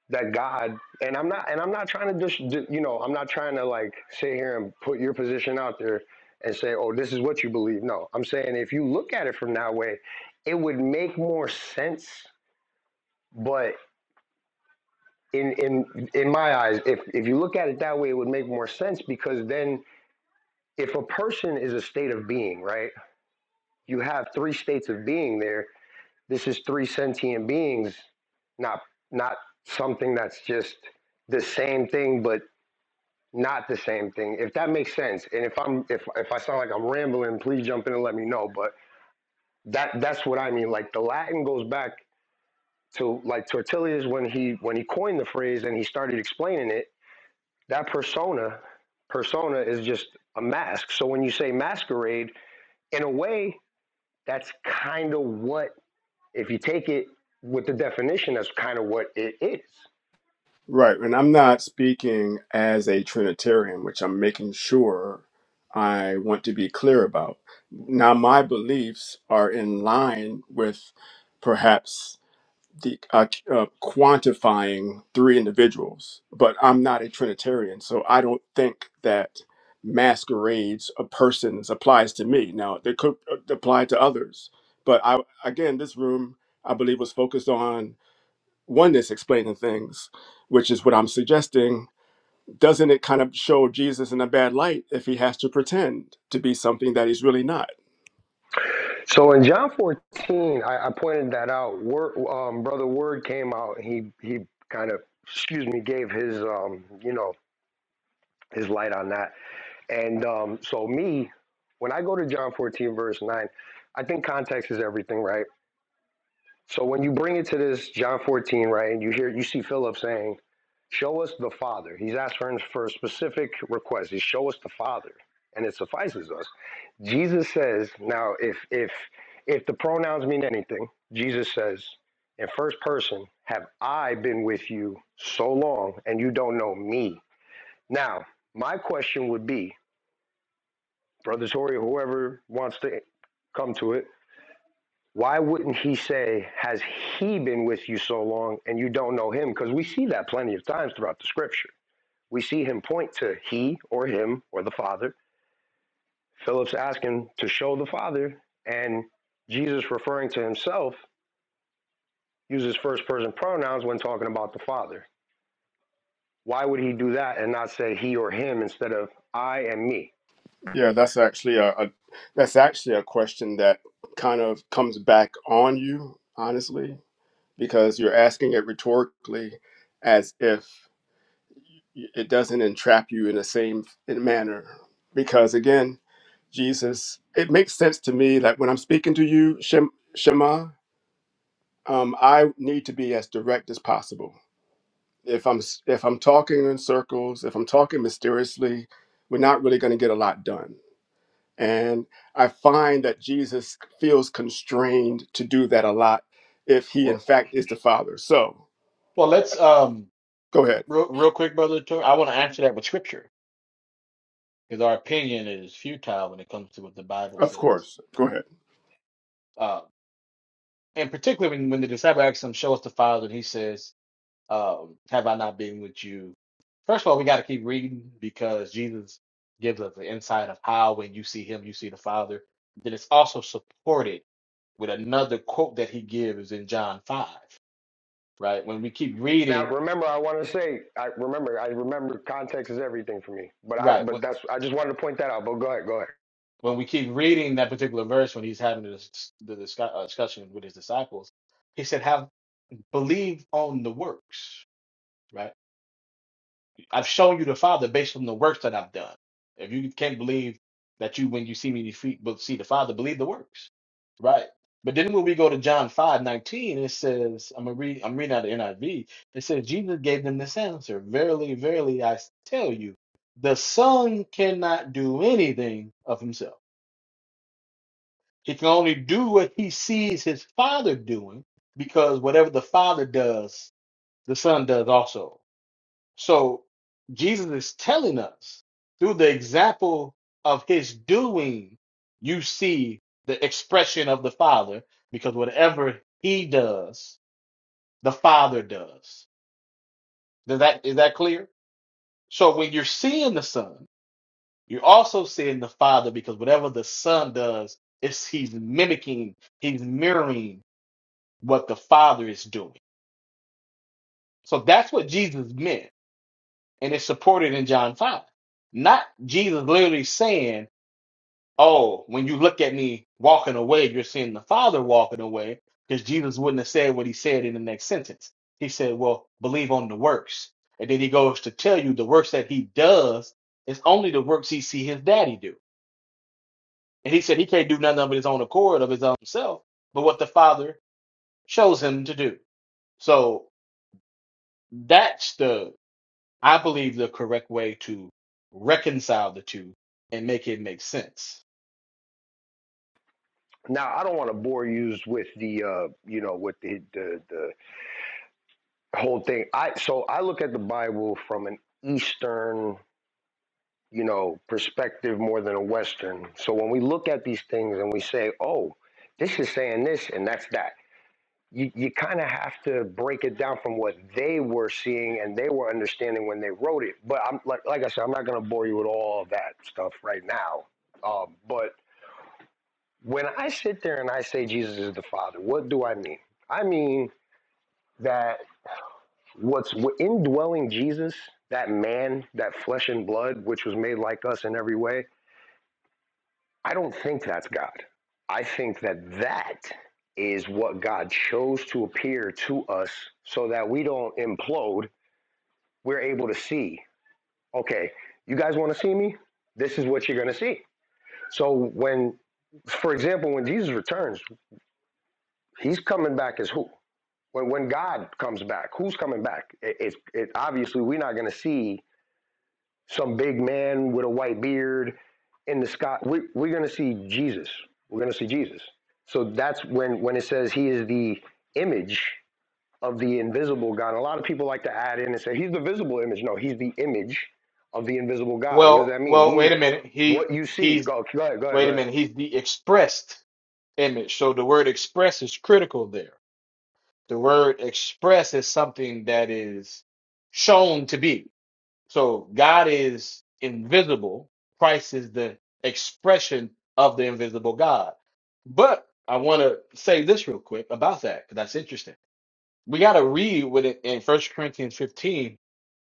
that God and I'm not and I'm not trying to just you know I'm not trying to like sit here and put your position out there and say oh this is what you believe no I'm saying if you look at it from that way it would make more sense but in in in my eyes, if if you look at it that way, it would make more sense because then if a person is a state of being, right? You have three states of being there. This is three sentient beings, not not something that's just the same thing but not the same thing. If that makes sense. And if I'm if if I sound like I'm rambling, please jump in and let me know, but that that's what I mean. Like the Latin goes back to like Tertullius when he when he coined the phrase and he started explaining it That persona, persona is just a mask. So when you say masquerade, in a way, that's kind of what, if you take it with the definition, that's kind of what it is.
Right, and I'm not speaking as a Trinitarian, which I'm making sure I want to be clear about. Now, my beliefs are in line with perhaps the uh, uh, quantifying three individuals, but I'm not a Trinitarian, so I don't think that masquerades of persons applies to me. Now, they could uh, apply to others, but I again, this room I believe was focused on oneness explaining things, which is what I'm suggesting. Doesn't it kind of show Jesus in a bad light if he has to pretend to be something that he's really not?
So in John 14, I, I pointed that out. Word, um, Brother Word came out. He he kind of, excuse me, gave his um, you know, his light on that. And um, so me, when I go to John 14 verse 9, I think context is everything, right? So when you bring it to this John 14, right, and you hear you see Philip saying, "Show us the Father." He's asking for for a specific request. He show us the Father, and it suffices us. Jesus says, "Now, if if if the pronouns mean anything, Jesus says in first person, "Have I been with you so long, and you don't know me?" Now, my question would be, Brother Tori, whoever wants to come to it, why wouldn't he say, Has he been with you so long and you don't know him? Because we see that plenty of times throughout the scripture. We see him point to he or him or the Father. Philip's asking to show the Father, and Jesus, referring to himself, uses first person pronouns when talking about the Father. Why would he do that and not say he or him instead of I and me?
Yeah, that's actually a, a that's actually a question that kind of comes back on you, honestly, because you're asking it rhetorically, as if it doesn't entrap you in the same manner. Because again, Jesus, it makes sense to me that when I'm speaking to you, Shem, Shema. um, I need to be as direct as possible. If I'm s- if I'm talking in circles, if I'm talking mysteriously, we're not really going to get a lot done. And I find that Jesus feels constrained to do that a lot if he in
Well,
fact is the Father. So
well, let's um
go ahead.
real, real quick, brother. Tor- I want to answer that with scripture because our opinion is futile when it comes to what the Bible
Of
says.
course, go ahead.
and particularly when, when the disciple asks him, "Show us the Father," and he says, um, "Have I not been with you?" First of all, we got to keep reading because Jesus gives us the insight of how when you see Him, you see the Father. Then it's also supported with another quote that He gives in John five. Right when we keep
Now,
reading,
remember, I want to say, I remember, I remember context is everything for me. But I,
right when,
but that's, I just wanted to point that out. But go ahead, go ahead.
when we keep reading that particular verse when He's having the, dis- the discu- uh, discussion with His disciples, He said, "Have believe on the works." right? I've shown you the Father based on the works that I've done. If you can't believe that you, when you see me, you fe- but see the Father, believe the works, right? But then when we go to John five nineteen, it says, I'm gonna read, I'm reading out of NIV. It says, Jesus gave them this answer: Verily, verily, I tell you, the Son cannot do anything of himself. He can only do what he sees his Father doing, because whatever the Father does, the Son does also. So Jesus is telling us through the example of his doing, you see the expression of the Father, because whatever he does, the Father does. Does that is that clear? So when you're seeing the Son, you're also seeing the Father because whatever the Son does, it's he's mimicking, he's mirroring what the Father is doing. So that's what Jesus meant, and it's supported in John 5. Not Jesus literally saying oh, when you look at me walking away, you're seeing the Father walking away, because Jesus wouldn't have said what he said in the next sentence. He said, well, believe on the works. And then he goes to tell you the works that he does is only the works he see his daddy do. And he said he can't do nothing of his own accord of his own self, but what the Father shows him to do. So that's the, I believe, the correct way to reconcile the two and make it make sense.
Now, I don't want to bore you with the, uh, you know, with the, the the whole thing. I so I look at the Bible from an Eastern, you know, perspective more than a Western. So when we look at these things and we say, "Oh, this is saying this and that's that," you you kind of have to break it down from what they were seeing and they were understanding when they wrote it. But I'm like like I said, I'm not going to bore you with all of that stuff right now. Um, but When I sit there and I say Jesus is the Father, what do I mean? I mean that what's indwelling Jesus, that man, that flesh and blood, which was made like us in every way, I don't think that's God. I think that that is what God chose to appear to us so that we don't implode. We're able to see, okay, you guys want to see me? This is what you're going to see. So when, for example, when Jesus returns, he's coming back as who? when when God comes back, who's coming back? It, it's it, obviously we're not going to see some big man with a white beard in the sky. We, we're going to see Jesus. We're going to see Jesus. So that's when when it says he is the image of the invisible God. A lot of people like to add in and say he's the visible image. No, he's the image of the invisible God. What does
Well,
that mean?
well,
He is
wait a minute. He
what you see.
he's
Go, go ahead, go ahead,
Wait
go
a
ahead.
minute. He's the expressed image. So the word express is critical there. The word express is something that is shown to be. So God is invisible. Christ is the expression of the invisible God. But I want to say this real quick about that because that's interesting. We got to read with it in First Corinthians 15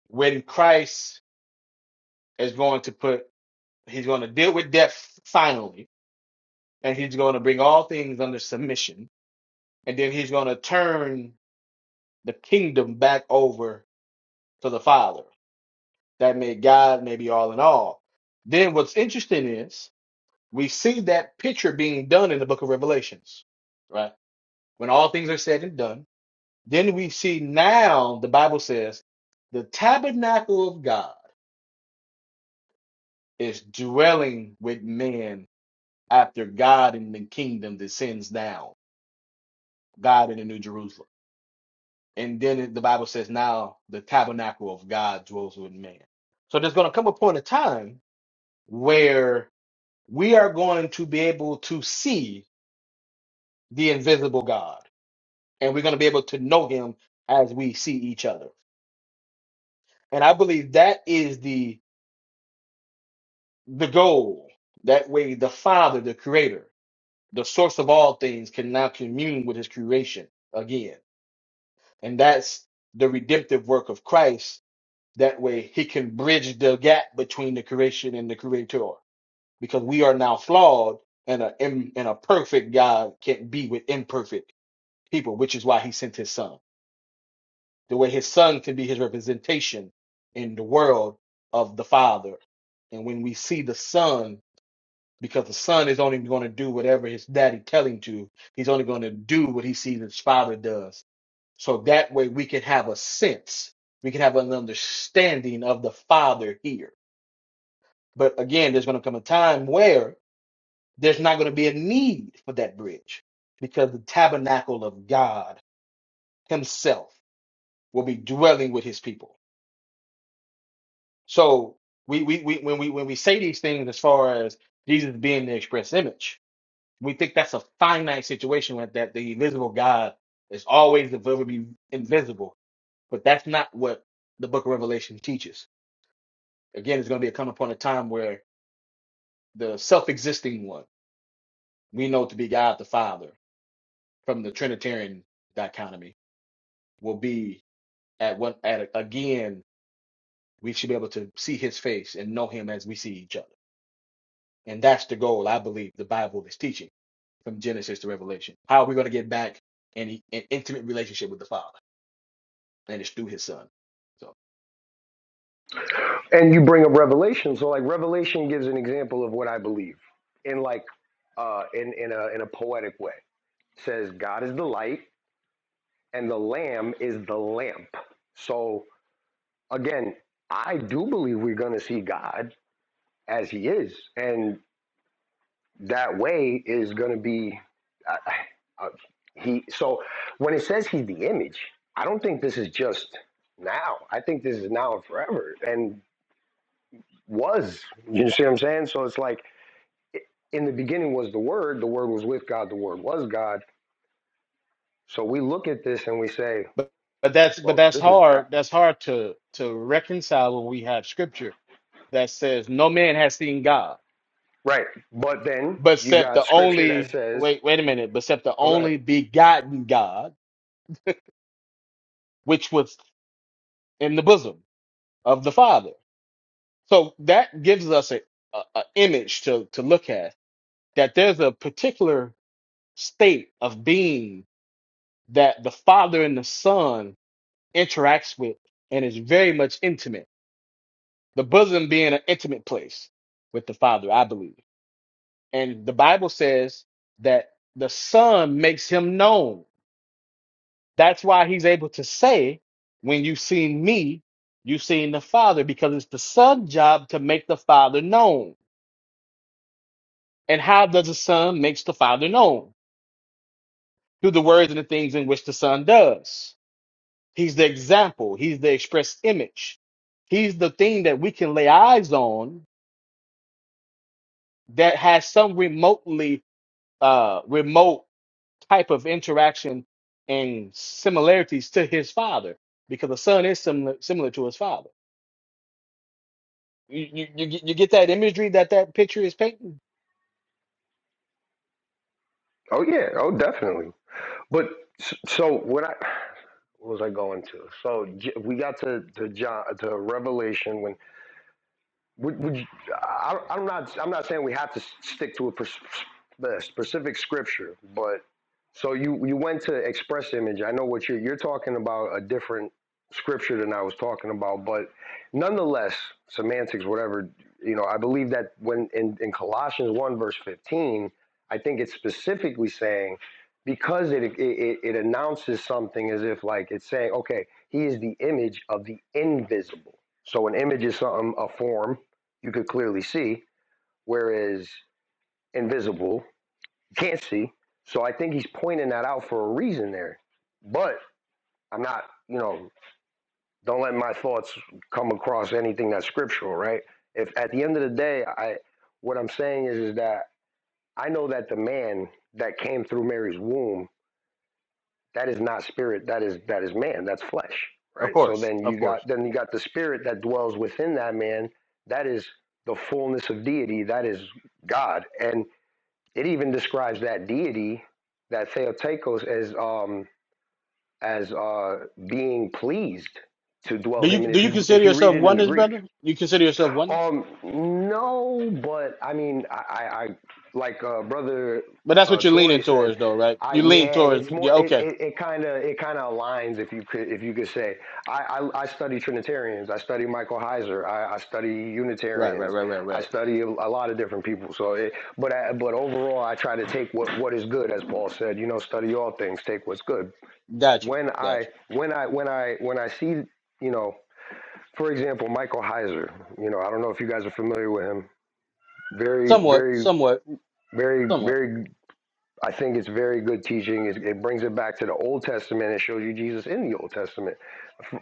when Christ is going to put, he's going to deal with death finally, and he's going to bring all things under submission and then he's going to turn the kingdom back over to the Father. That may God may be all in all. Then what's interesting is we see that picture being done in the book of Revelations, right? When all things are said and done, then we see now the Bible says the tabernacle of God is dwelling with men after God in the kingdom descends down, God in the New Jerusalem. And then the Bible says, now the tabernacle of God dwells with man. So there's going to come a point of time where we are going to be able to see the invisible God and we're going to be able to know him as we see each other. And I believe that is the the goal. That way the Father, the creator, the source of all things can now commune with his creation again. And that's the redemptive work of Christ That way he can bridge the gap between the creation and the creator. Because we are now flawed and a and a perfect God can't be with imperfect people, which is why he sent his son. The way his son can be his representation in the world of the Father. And when we see the Son, because the Son is only going to do whatever his daddy tell him to, he's only going to do what he sees his father does. So that way we can have a sense, we can have an understanding of the Father here But again, there's going to come a time where there's not going to be a need for that bridge because the tabernacle of God Himself will be dwelling with His people. So we, we, we when we when we say these things as far as Jesus being the express image, we think that's a finite situation with that the invisible God is always be invisible, but that's not what the Book of Revelation teaches. Again, it's going to be a come upon a time where the self-existing one we know to be God the Father from the Trinitarian dichotomy will be at one at again we should be able to see his face and know him as we see each other. And that's the goal I believe the Bible is teaching from Genesis to Revelation. How are we going to get back in an intimate relationship with the Father? And it's through his son. So
and you bring up revelation so like revelation gives an example of what i believe in like uh in in a in a poetic way It says god is the light and the lamb is the lamp so again i do believe we're going to see god as he is and that way is going to be uh, uh, uh, he so when it says he's the image i don't think this is just now i think this is now and forever and was you see what i'm saying so it's like in the beginning was the word the word was with god the word was god so we look at this and we say
But but that's but
well
that's
this is god
hard. That's hard to to reconcile when we have scripture that says no man has seen God,
right but then
but
you
except
got
the
scripture that
only
says
wait wait a minute, but except the
oh go ahead
only begotten God, which was. in the bosom of the Father. So that gives us a, a, a image to, to look at that there's a particular state of being that the Father and the Son interacts with and is very much intimate. The bosom being an intimate place with the Father, I believe. And the Bible says that the Son makes him known. That's why he's able to say, When you've seen me, you've seen the Father, because it's the Son's job to make the Father known And how does the Son makes the Father known? Through the words and the things in which the Son does. He's the example, he's the express image. He's the thing that we can lay eyes on that has some remotely uh remote type of interaction and similarities to his father because the son is similar similar to his father. You you you get you get that imagery that that picture is painting?
oh yeah oh definitely but s- so what i what was i going to so J- we got to to john to revelation when would, would you, I, I'm not I'm not saying we have to stick to a pers- the specific scripture, but so you you went to express image. I know what you're you're talking about a different scripture than I was talking about, but nonetheless, semantics, whatever. You know, I believe that when in, in Colossians one verse fifteen, I think it's specifically saying because it, it it it announces something as if like it's saying, okay, he is the image of the invisible. So an image is something a form you could clearly see, whereas invisible, you can't see. So I think he's pointing that out for a reason there. But I'm not, you know, don't let my thoughts come across anything that's scriptural, right? If at the end of the day, I what I'm saying is, is that I know that the man that came through Mary's womb, that is not spirit, that is that is man, that's flesh,
Of
right? So
course,
then
of
you
course.
got then you got the spirit that dwells within that man, that is the fullness of deity, that is God. And It even describes that deity, that Theotokos, as um as uh being pleased to
Do
dwell
you
him. And
do
if
you
you if
consider
you read
yourself
it in the
oneness,
Greek,
brother? You consider yourself oneness?
um, no, but I mean, I, I, I like uh, brother
But that's
uh,
what you're
Tory
leaning
said,
towards, though, right?
I
You lean
yeah,
towards,
it's
yeah,
more it
okay,
it kind of it kind of aligns if you could if you could say I, I I study Trinitarians, I study Michael Heiser, I, I study
right, right,
Unitarians,
right, right,
I
right.
study a, a lot of different people. So, it, but I, but overall, I try to take what what is good, as Paul said. You know, study all things, take what's good.
Gotcha,
When I
gotcha.
when I when I when I see you know for example, Michael Heiser. You know, I don't know if you guys are familiar with him. Very,
Somewhat,
very,
somewhat,
very,
somewhat.
very. I think it's very good teaching. It, it brings it back to the Old Testament and shows you Jesus in the Old Testament.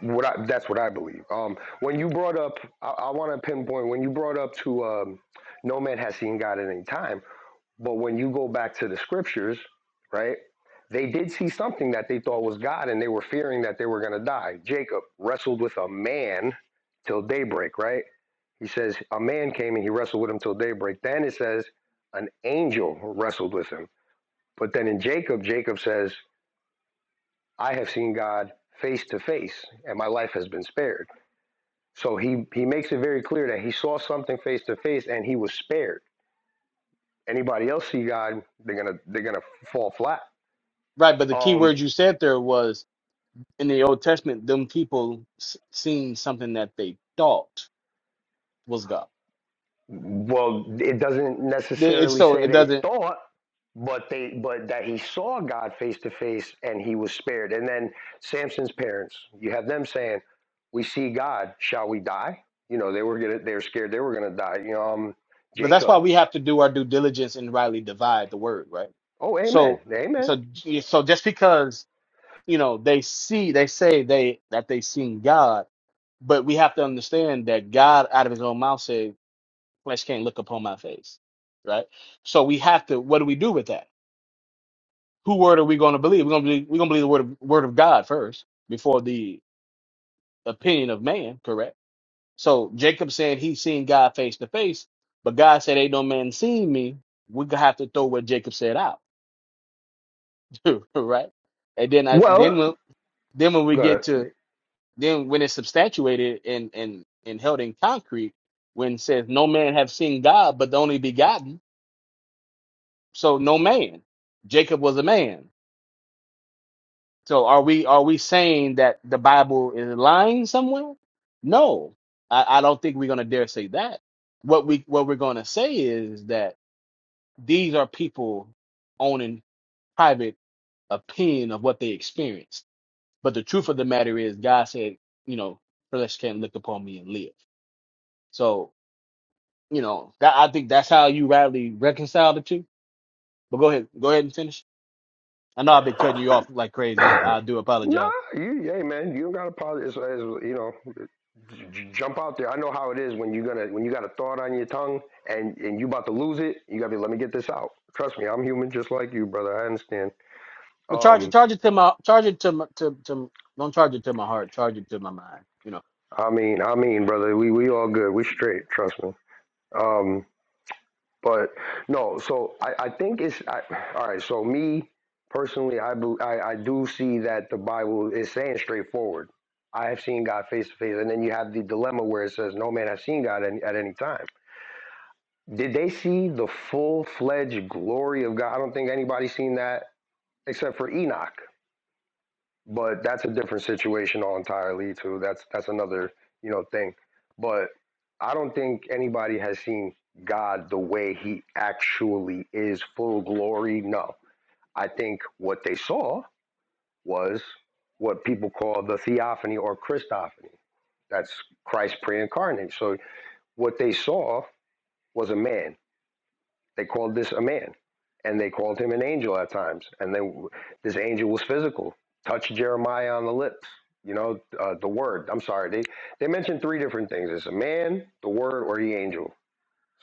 What I, that's what I believe. Um, when you brought up, I, I want to pinpoint when you brought up to um, no man has seen God at any time. But when you go back to the scriptures, right? They did see something that they thought was God, and they were fearing that they were going to die. Jacob wrestled with a man till daybreak, right? He says, A man came and he wrestled with him till daybreak. Then it says, An angel wrestled with him. But then in Jacob, Jacob says, I have seen God face to face, and my life has been spared. So he, he makes it very clear that he saw something face to face and he was spared. Anybody else see God, they're gonna they're gonna fall flat.
Right, but the key
Um,
word you said there was in the Old Testament, them people s- seen something that they thought was God.
Well, it doesn't
They- It's
necessarily
so
say
it
they
doesn't,
thought, but they but that he saw God face to face and he was spared. And then Samson's parents, you have them saying, "We see God, shall we die?" You know, they were gonna they were scared they were gonna die. You know, um,
but that's
Jacob.
why we have to do our due diligence and rightly divide the word, right?
Oh, amen,
So,
amen.
so, j- so just because you know they see, they say they that they seen God, but we have to understand that God, out of His own mouth, said. flesh can't look upon my face. Right? So we have to what do we do with that? Who word are we going to believe? We're gonna believe we're gonna believe the word of word of God first before the opinion of man, correct? So Jacob said he seen God face to face, but God said, Ain't no man seen me. we gonna have to throw what Jacob said out. right? And then I then
Well,
when then when we
uh,
get to then when it's substantiated and and and held in concrete, when it says no man have seen God but the only begotten, So no man. Jacob was a man. So are we are we saying that the Bible is lying somewhere? No. I, I don't think we're gonna dare say that. What we what we're gonna say is that these are people owning private opinion of what they experienced. But the truth of the matter is God said, you know, flesh can't look upon me and live. So, you know, that I think that's how you rightly reconcile the two. But go ahead, go ahead and finish. I know I've been cutting you off like crazy. I, I do
nah,
apologize.
you, amen. You don't gotta apologize. It's- it's, You know. jump out there. I know how it is when you're gonna when you got a thought on your tongue and and you about to lose it. You gotta be let me get this out. Trust me, I'm human just like you, brother. I understand.
But charge it,
Um,
charge it to my, charge it to my, to, to, don't charge it to my heart, charge it to my mind. You know.
I mean, I mean, brother, we we all good. We straight. Trust me. Um, but no, so I I think it's I, all right. So me personally, I, bel- I I do see that the Bible is saying straightforward. I have seen God face to face, and then you have the dilemma where it says, "No man has seen God any, at any time." Did they see the full fledged glory of God? I don't think anybody's seen that except for Enoch. But that's a different situation all entirely too. That's that's another, you know, thing. But I don't think anybody has seen God the way he actually is, full glory. No. I think what they saw was what people call the theophany or Christophany. That's Christ pre incarnate. So what they saw was a man. They called this a man, and they called him an angel at times. And then this angel was physical, touched Jeremiah on the lips. You know, uh, the word. I'm sorry, they they mentioned three different things: it's a man, the word, or the angel.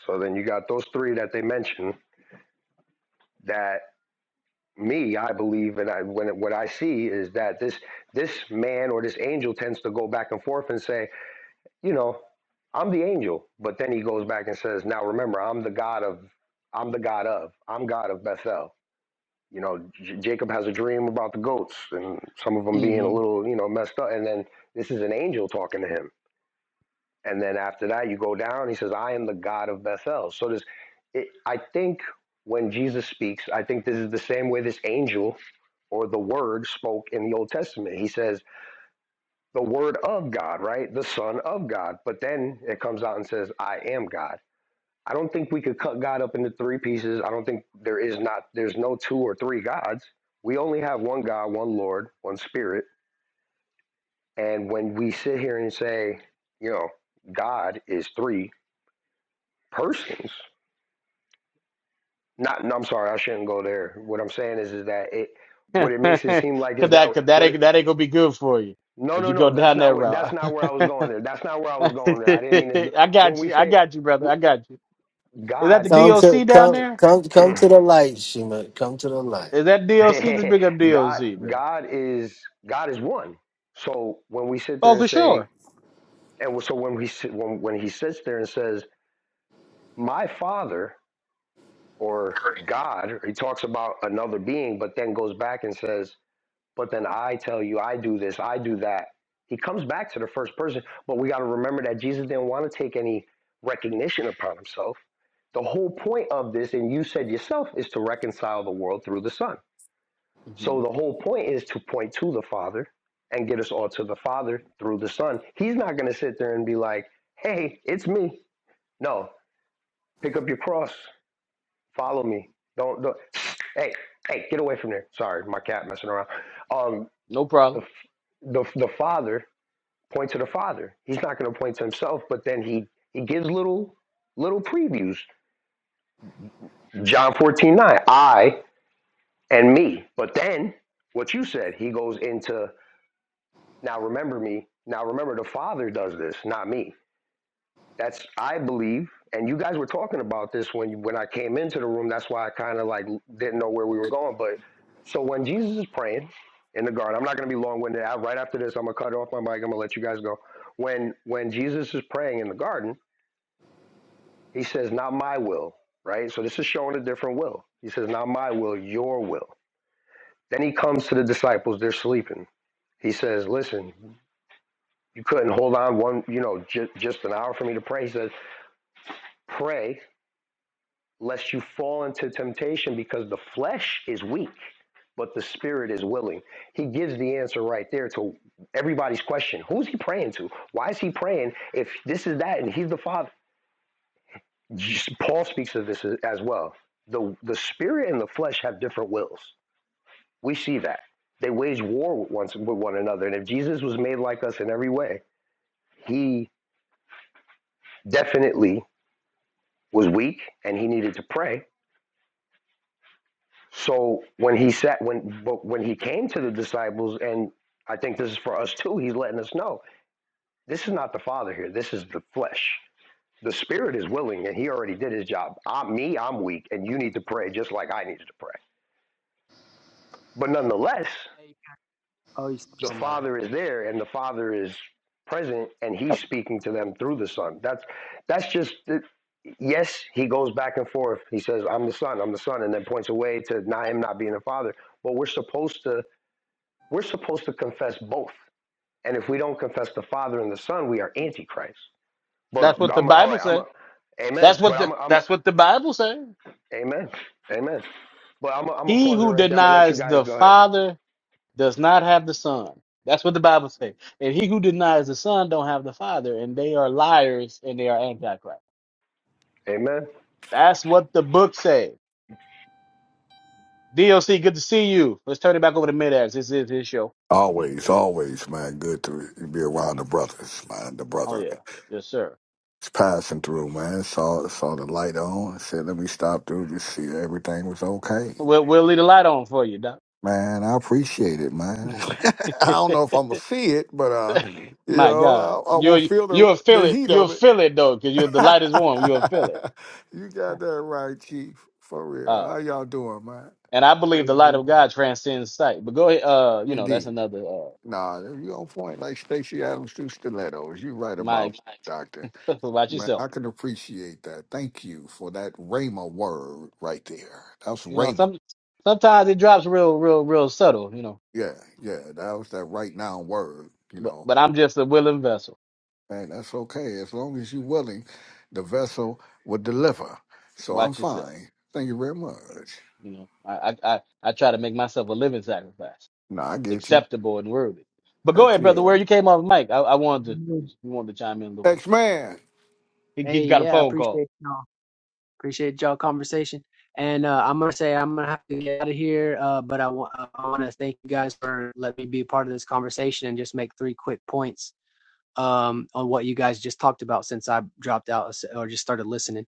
So then you got those three that they mentioned. That me, I believe, and I when it, what I see is that this this man or this angel tends to go back and forth and say, you know, I'm the angel, but then he goes back and says, now remember, I'm the God of, I'm the God of, I'm God of Bethel. You know, J- Jacob has a dream about the goats and some of them being a
Mm-hmm.
little, you know, messed up. And then this is an angel talking to him. And then after that, you go down. He says, "I am the God of Bethel." So this, it, I think, when Jesus speaks, I think this is the same way this angel or the Word spoke in the Old Testament. He says, "The Word of God," right? The Son of God. But then it comes out and says, "I am God." I don't think we could cut God up into three pieces. I don't think there is not there's no two or three gods. We only have one God, one Lord, one Spirit. And when we sit here and say, you know, God is three persons. Not no, I'm sorry, I shouldn't go there. What I'm saying is is that it
cause
what it makes it seem like is that
that, cause that
what it,
ain't, that ain't gonna be good for you
no
if
no
you
no
go
that's
down
not
that
what that's
route.
not where I was going there. That's not where I was going there. I didn't mean this.
I
When
got
we
you, I
say
got you, brother, I
w-
got you. Is that the
God
come
is
to
DOC down
come
there?
come come to the light, Shima. Come to the light.
Is that DOC? Let's bring up
God,
DOC, bro.
God is God is one. So when we sit there
Oh,
and
for
say,
sure.
and so when we sit, when when he sits there and says, "My Father" or God, he talks about another being, but then goes back and says, "But then I tell you, I do this, I do that." He comes back to the first person, but we got to remember that Jesus didn't want to take any recognition upon himself. The whole point of this, and you said yourself, is to reconcile the world through the Son.
hmm
So the whole point is to point to the Father and get us all to the Father through the Son. He's not going to sit there and be like, "Hey, it's me." No, pick up your cross, follow me. Don't, don't hey, hey, get away from there. Sorry, my cat messing around. Um,
No problem.
the the the Father point to the Father. He's not going to point to himself, but then he he gives little little previews. John fourteen nine, I and me. But then what you said, he goes into. Now remember me. Now remember the Father does this, not me. That's I believe, and you guys were talking about this when you, when I came into the room. That's why I kind of like didn't know where we were going. But so when Jesus is praying in the garden, I'm not going to be long winded. Right after this, I'm gonna cut off my mic. I'm gonna let you guys go. When when Jesus is praying in the garden, he says, "Not my will." Right. So this is showing a different will. He says, "Not my will, your will." Then he comes to the disciples. They're sleeping. He says, "Listen." you couldn't hold on one, you know, just just an hour for me to pray. He says, pray lest you fall into temptation because the flesh is weak, but the spirit is willing. He gives the answer right there to everybody's question. Who's he praying to? Why is he praying if this is that and he's the father? Paul speaks of this as well. The the spirit and the flesh have different wills. We see that. They wage war with one, with one another. And if Jesus was made like us in every way, he definitely was weak and he needed to pray. So when he sat when but when he came to the disciples and I think this is for us too, he's letting us know this is not the father here, this is the flesh. The spirit is willing and he already did his job. I'm me, I'm weak and you need to pray just like I needed to pray. But nonetheless,
Hey, oh, you-
the
oh my bad.
father is there and the father is present and he's speaking to them through the son that's that's just yes he goes back and forth he says i'm the son i'm the son and then points away to not him not being the father but we're supposed to we're supposed to confess both and if we don't confess the father and the son we are antichrist but
That's what the
i'm all
Bible
right i'm
says.
a amen
That's what
but i'm
the,
a, i'm a,
that's what the Bible says.
amen amen but i'm a, I'm gonna
He
pause it
who
right there i'm gonna let you
denies
guys
the
go ahead
Father does not have the Son. That's what the Bible says. And he who denies the Son don't have the Father, and they are liars and they are antichrist.
amen
That's what the book says. D.O.C. good to see you. Let's turn it back over to mid Midax. This is his show.
Always, always, man. Good to be around the brothers, man. The
Oh
brother.
yeah, yes sir.
It's passing through, man. Saw saw the light on. Said, let me stop through to see if everything was okay.
We'll we'll leave the light on for you, Doc.
Man, I appreciate it, man. I don't know if I'm gonna see it, but uh, you
My God,
know, I, I will
you're
feel the
you'll feel
the
it.
heat
You'll
of it.
feel it though, because you the light is warm. You'll feel it.
you got that right, Chief. For real.
Uh,
How y'all doing, man?
and I believe
Praise
the light of
Jesus.
God transcends sight. But go ahead. Uh, you know that's
Indeed.
another. Uh,
Nah, you on point like Stacey Adams through stilettos. You right about
Mike,
that, Doctor.
about
Man,
yourself.
I can appreciate that. Thank you for that Rhema word right there. That's
You know,
Rhema.
some sometimes it drops real, real, real subtle. You know,
Yeah, yeah. That was that right now word, you
but
know.
but I'm just a willing vessel.
And that's okay. As long as you're willing, the vessel will deliver. So I'm
Watch yourself.
fine. Thank you very much.
You know, I I I, I try to make myself a living sacrifice,
No, I get you.
acceptable and worthy. But go
Heck
ahead, brother.
yeah.
Where you came off, Mike? I, I wanted to you wanted to chime in a little bit.
X Man.
He
Hey,
he's got a
yeah, I
phone call.
appreciate y'all. Appreciate y'all conversation. And uh, I'm gonna say I'm gonna have to get out of here. Uh, but I want I want to thank you guys for letting me be a part of this conversation and just make three quick points um on what you guys just talked about since I dropped out uh, or just started listening.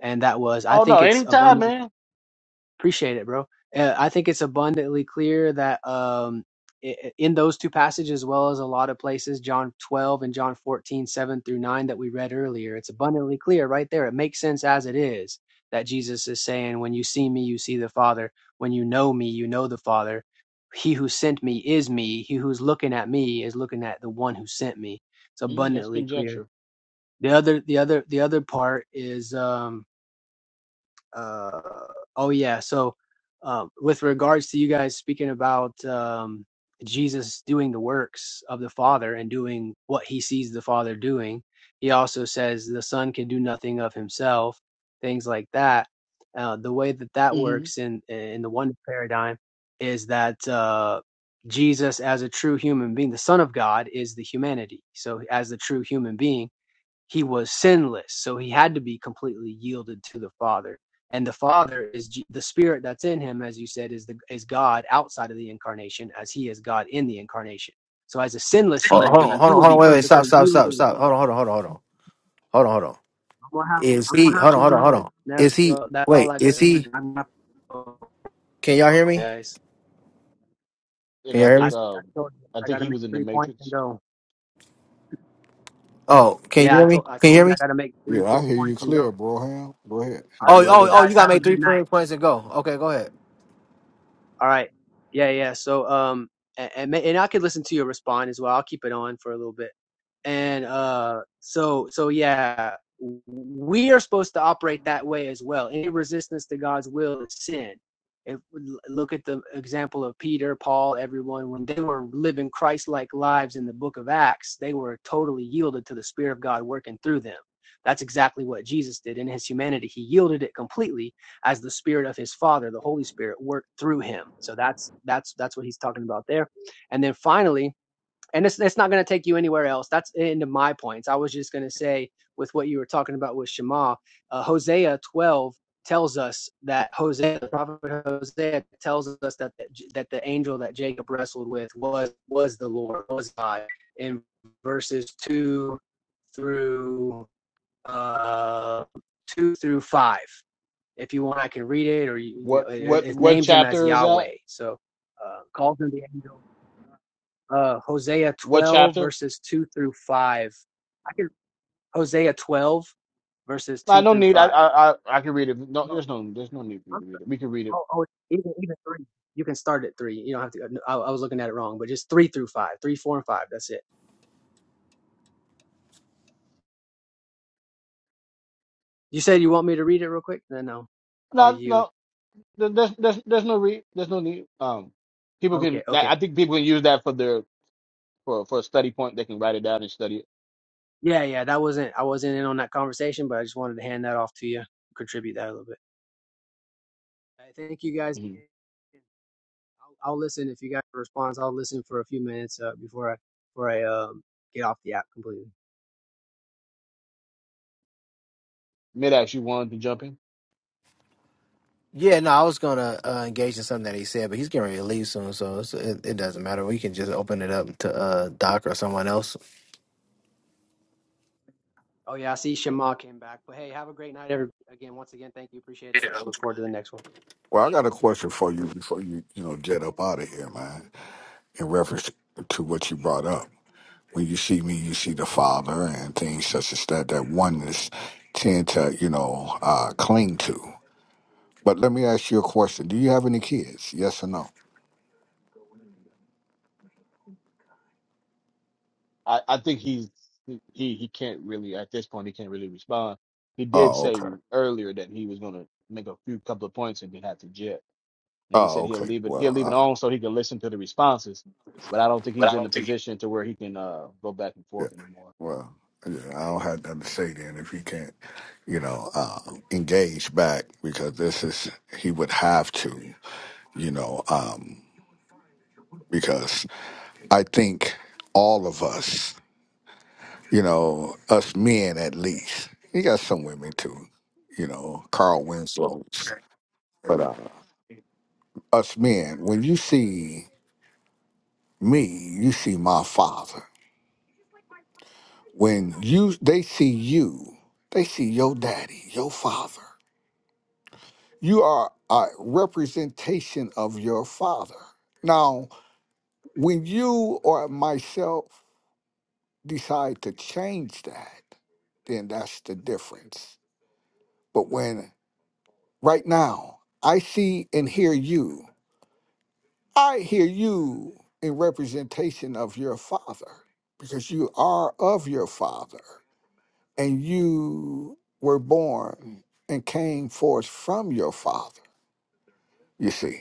And that was I
Oh no,
think it's
anytime,
abundant.
man.
Appreciate it, bro. Uh, I think it's abundantly clear that um, i- in those two passages, as well as a lot of places, John 12 and John 14, 7 through 9, that we read earlier, it's abundantly clear right there. It makes sense as it is that Jesus is saying, When you see me, you see the Father. When you know me, you know the Father. He who sent me is me. He who's looking at me is looking at the one who sent me. It's
Mm, that's
abundantly clear.
conjecture.
The other, the other, the other part is, um, uh oh yeah so um with regards to you guys speaking about um jesus doing the works of the father and doing what he sees the father doing he also says the son can do nothing of himself things like that uh the way that that
hmm
works in in the one paradigm is that uh jesus as a true human being the son of god is the humanity so as the true human being he was sinless so he had to be completely yielded to the father and the father is G- the spirit that's in him as you said is the is god outside of the incarnation as he is god in the incarnation so as a sinless
Hold,
human
hold on, hold
being
on,
he
hold
will
on.
be
Wait, wait. Stop,
perfectly
stop, stop,
yielded
stop. Hold on, hold on, hold on, hold on, hold on, hold on.
i'm gonna have to,
Is
I'm
he?
gonna have
Hold on,
to
hold on, hold
go
on.
Never,
Is he?
no, that's all
Wait,
i got
is he?
i'm not oh,
Can y'all hear me?
guys
And
Can
I
y'all hear
I,
me?
think
I
um
told you
I
i
think
gotta
he
make
was in the
three points and
Matrix.
go
Oh, can you
yeah i
hear me?
told i
Can you
told
hear
you
me?
i gotta make three
Yeah,
quick
I hear you
points and go
clear,
all
Broham. Go ahead. Handle
right
Oh,
your
well
oh,
you
oh!
guys
You
business.
got
have
to
a
make three
good night
prayer points and go. Okay, go ahead.
All right. Yeah, yeah. So um and and, ma- and I could listen to your respond as well. I'll keep it on for a little bit. And uh so so yeah, w- we are supposed to operate that way as well. Any resistance to God's will is sin. If l- look at the example of Peter, Paul, everyone when they were living Christ-like lives in the book of Acts, they were totally yielded to the spirit of God working through them. That's exactly what Jesus did in his humanity. He yielded it completely as the spirit of his father the holy spirit worked through him so that's that's that's what he's talking about there and then finally and it's, it's not going to take you anywhere else that's into my points i was just going to say with what you were talking about with shema uh, hosea 12 tells us that hosea the prophet hosea tells us that that the angel that jacob wrestled with was was the lord was god in verses 2 through uh, 2 through 5 if you want, I can read it, or you, you know,
What
it,
what
it
what
names him as
chapter is that?
Yahweh. So uh, calls him the angel. Uh, Hosea
What
12
chapter?
verses 2 through 5. I can Hosea 12 verses
I
2
no
through
need. I
5.
I I, I can read it. No,
No,
there's no there's no need for you to read it. We can read it
Oh, oh, even even three. You can start at three. You don't have to. uh, I, I was looking at it wrong, but just three through five, three, four, and five. That's it. You said you want me to read it real quick. No, no. Oh,
No,
you.
no, there- there's there's there's no re there's no need. Um, people
Okay.
can that
Okay.
I think people can use that for their for for a study point. They can write it down and study it.
Yeah. Yeah. That wasn't. I wasn't in on that conversation, but I just wanted to hand that off to you. Contribute that a little bit. I thank you guys
Mm-hmm.
again. I'll, I'll listen if you guys respond. I'll listen for a few minutes uh, before I before I um, get off the app completely.
Mid-ax, you wanted to jump in.
Yeah, no, I was gonna uh, engage in something that he said, but he's getting ready to leave soon, so it's, it, it doesn't matter. We can just open it up to uh, Doc or someone else.
Oh yeah, I see Shema came back. But hey, have a great night, every again. Once again, thank you. Appreciate it. Uh, look forward to the next one.
Well, I got a question for you before you, you know, jet up out of here, man, in reference to what you brought up. When you see me, you see the Father and things such as that, that oneness tend to, you know, uh, cling to. But let me ask you a question. Do you have any kids? Yes or no?
I I think he's he he he can't really at this point. He can't really respond. He did
Oh,
say
okay.
earlier that he was gonna make a few couple of points and then have to jet. And he said
Oh,
he'll
okay.
leave it he'll
Well,
leave it
uh,
on so he can listen to the responses. But I don't think
But
he's
I
in the
don't think.
position to where he can uh go back and
yeah.
forth anymore.
Well, yeah, I don't have nothing to say then if he can't, you know, uh, engage back because this is, he would have to, you know, um, because I think all of us. you know, us men at least. You got some women too, you know, Carl Winslow. But uh, us men, when you see me, you see my father. When you they see you, they see your daddy, your father. You are a representation of your father. Now, when you or myself decide to change that, then that's the difference. But when Right now, I see and hear you. I hear you in representation of your father because you are of your father and you were born and came forth from your father, you see,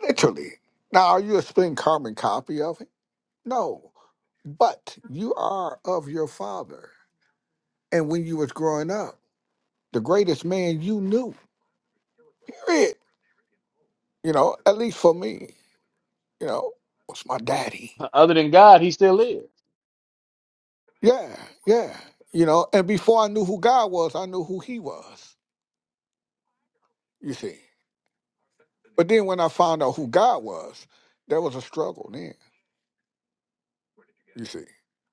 literally. Now, are you a spin carbon copy of him? No, but you are of your father. And when you was growing up, the greatest man you knew, period, you know, at least for me, you know, was my daddy.
Other than God, he still is.
Yeah, yeah. You know, and before I knew who God was, I knew who he was, you see. But then when I found out who God was, there was a struggle then, you see,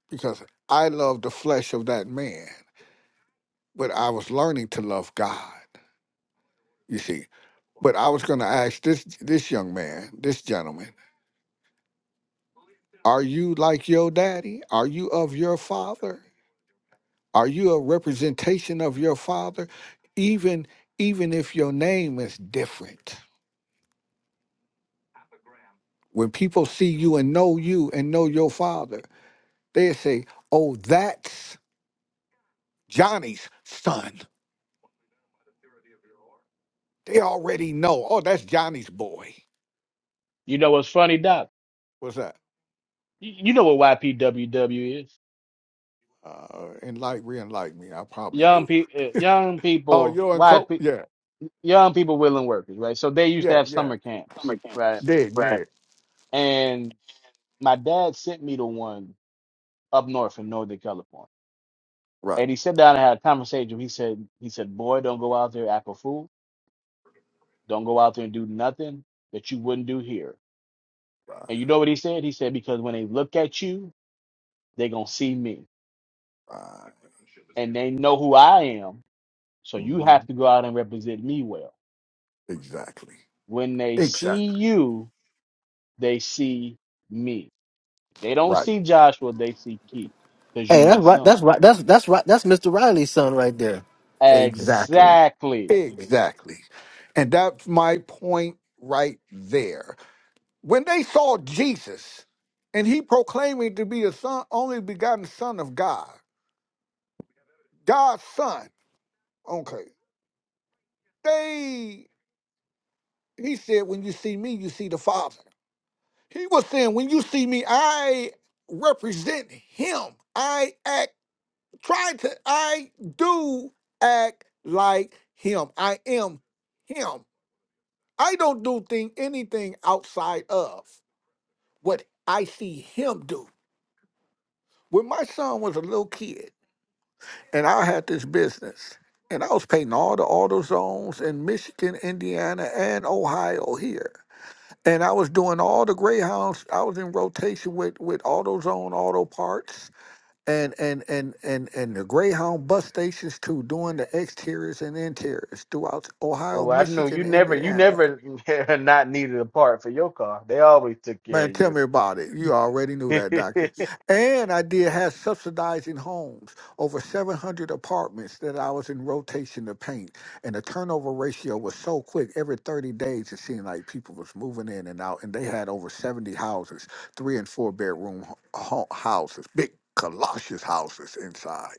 because I loved the flesh of that man, but I was learning to love God, you see. But I was going to ask this this young man, this gentleman, are you like your daddy? Are you of your father? Are you a representation of your father even even if your name is different? When people see you and know you and know your father, they say, "Oh, that's Johnny's son." They already know. Oh, that's Johnny's boy.
You know what's funny, Doc?
What's that?
You you know what YPWW is?
Uh, enlighten, re-enlighten me. I probably
Young
do.
people, young
Oh,
people,
you're in coke.
YP,
Yeah,
young people willing workers, right? So they used to
yeah,
have
yeah.
summer camps, right?
Dig, Right. dig.
And my dad sent me to one up north in Northern California,
Right,
and he sat down and had a conversation. He said, he said, boy, don't go out there act a fool. Don't go out there and do nothing that you wouldn't do here.
right,
And you know what he said? He said because when they look at you, they're gonna see me,
right.
and they know who I am. So you have
Mhm.
to go out and represent me well.
Exactly.
When they see
Exactly.
you, they see me. They don't
Right.
see Joshua, they see Keith, because you
Hey,
my
that's right.
son.
That's right. That's that's right. That's Mister Riley's son right there.
Exactly.
Exactly.
Exactly. And that's my point right there. When they saw Jesus and he proclaiming to be the son, only begotten son of God, God's son, okay, they, he said, when you see me, you see the Father. He was saying, when you see me, I represent him. I act, try to, I do act like him. I am him. I don't do thing, anything outside of what I see him do. When my son was a little kid, and I had this business, and I was painting all the auto zones in Michigan, Indiana, and Ohio here. And I was doing all the Greyhounds. I was in rotation with with AutoZone Auto Parts and and and and and the Greyhound bus stations too, doing the exteriors and interiors throughout Ohio,
Oh, I know
Michigan,
you never you
Indiana.
never not needed a part for your car. They always took care
Man,
of
tell
you.
me about it. You already knew that, doctor. And I did have subsidizing homes, over 700 apartments that I was in rotation to paint. And the turnover ratio was so quick. Every 30 days, it seemed like people was moving in and out. And they had over 70 houses, three and four bedroom ho- ho- houses, big colossus houses inside.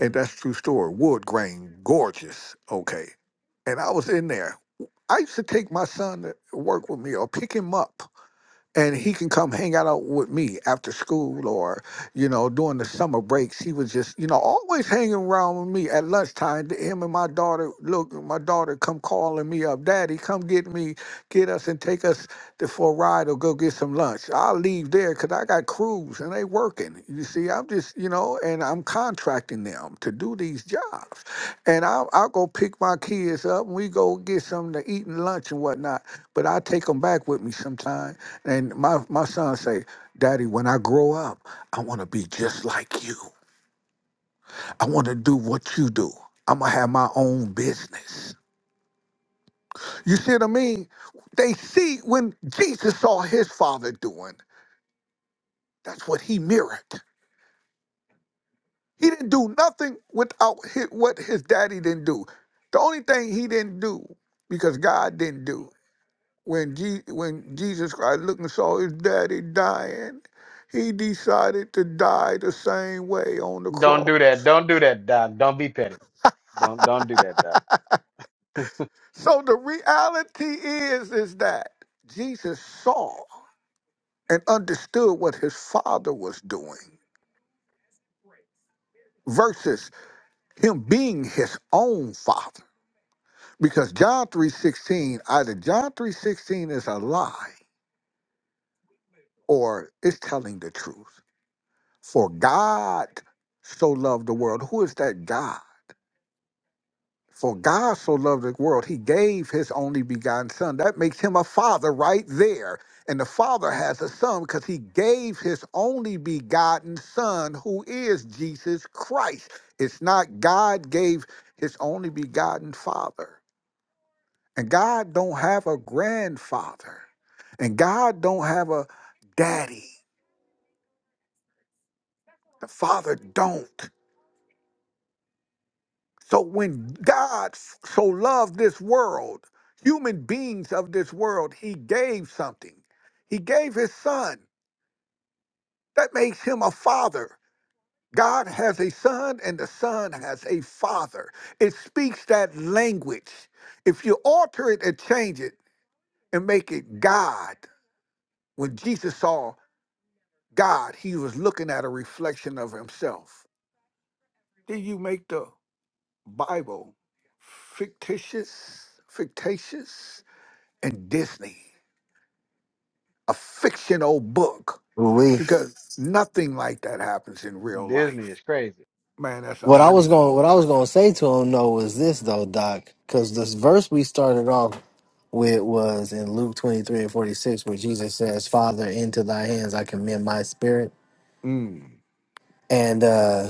And that's true story. Wood grain, gorgeous. Okay. And I was in there. I used to take my son to work with me or pick him up and he can come hang out with me after school or you know during the summer breaks he was just you know always hanging around with me at lunchtime him and my daughter look my daughter come calling me up daddy come get me get us and take us to, for a ride or go get some lunch i'll leave there because i got crews and they working you see i'm just you know and i'm contracting them to do these jobs and i'll, I'll go pick my kids up and we go get something to eat and lunch and whatnot but i take them back with me sometimes and my, my son say, Daddy, when I grow up, I want to be just like you. I want to do what you do. I'm going to have my own business. You see what I mean? They see when Jesus saw his father doing, that's what he mirrored. He didn't do nothing without hi- what his daddy didn't do. The only thing he didn't do, because God didn't do, when Je- when Jesus Christ looked and saw his daddy dying, he decided to die the same way on the
Don't
cross.
do that. Don't do that, Doc. Don't be petty. Don't don't do that, Doc.
So the reality is is that Jesus saw and understood what his father was doing versus him being his own father. Because John 3:16, either John 3:16 is a lie or it's telling the truth. For God so loved the world. Who is that God? For God so loved the world, he gave his only begotten son. That makes him a father right there. And the father has a son because he gave his only begotten son, who is Jesus Christ. It's not God gave his only begotten father. And God don't have a grandfather. And God don't have a daddy. The father don't. So when God so loved this world, human beings of this world, he gave something. He gave his son. That makes him a father. God has a son and the son has a father. It speaks that language. If you alter it and change it and make it God, when Jesus saw God, he was looking at a reflection of himself. Did you make the Bible fictitious? Fictitious? and Disney, a fictional book,
Ooh, We.
because nothing like that happens in real
Disney
life.
is crazy.
Man, that's
What I was going,
unbelievable,
what I was
Doctor.
going to say to him though was this though, Doc, because this verse we started off with was in Luke twenty three and forty six, where Jesus says, "Father, into Thy hands I commend my spirit,"
Mm,
and. uh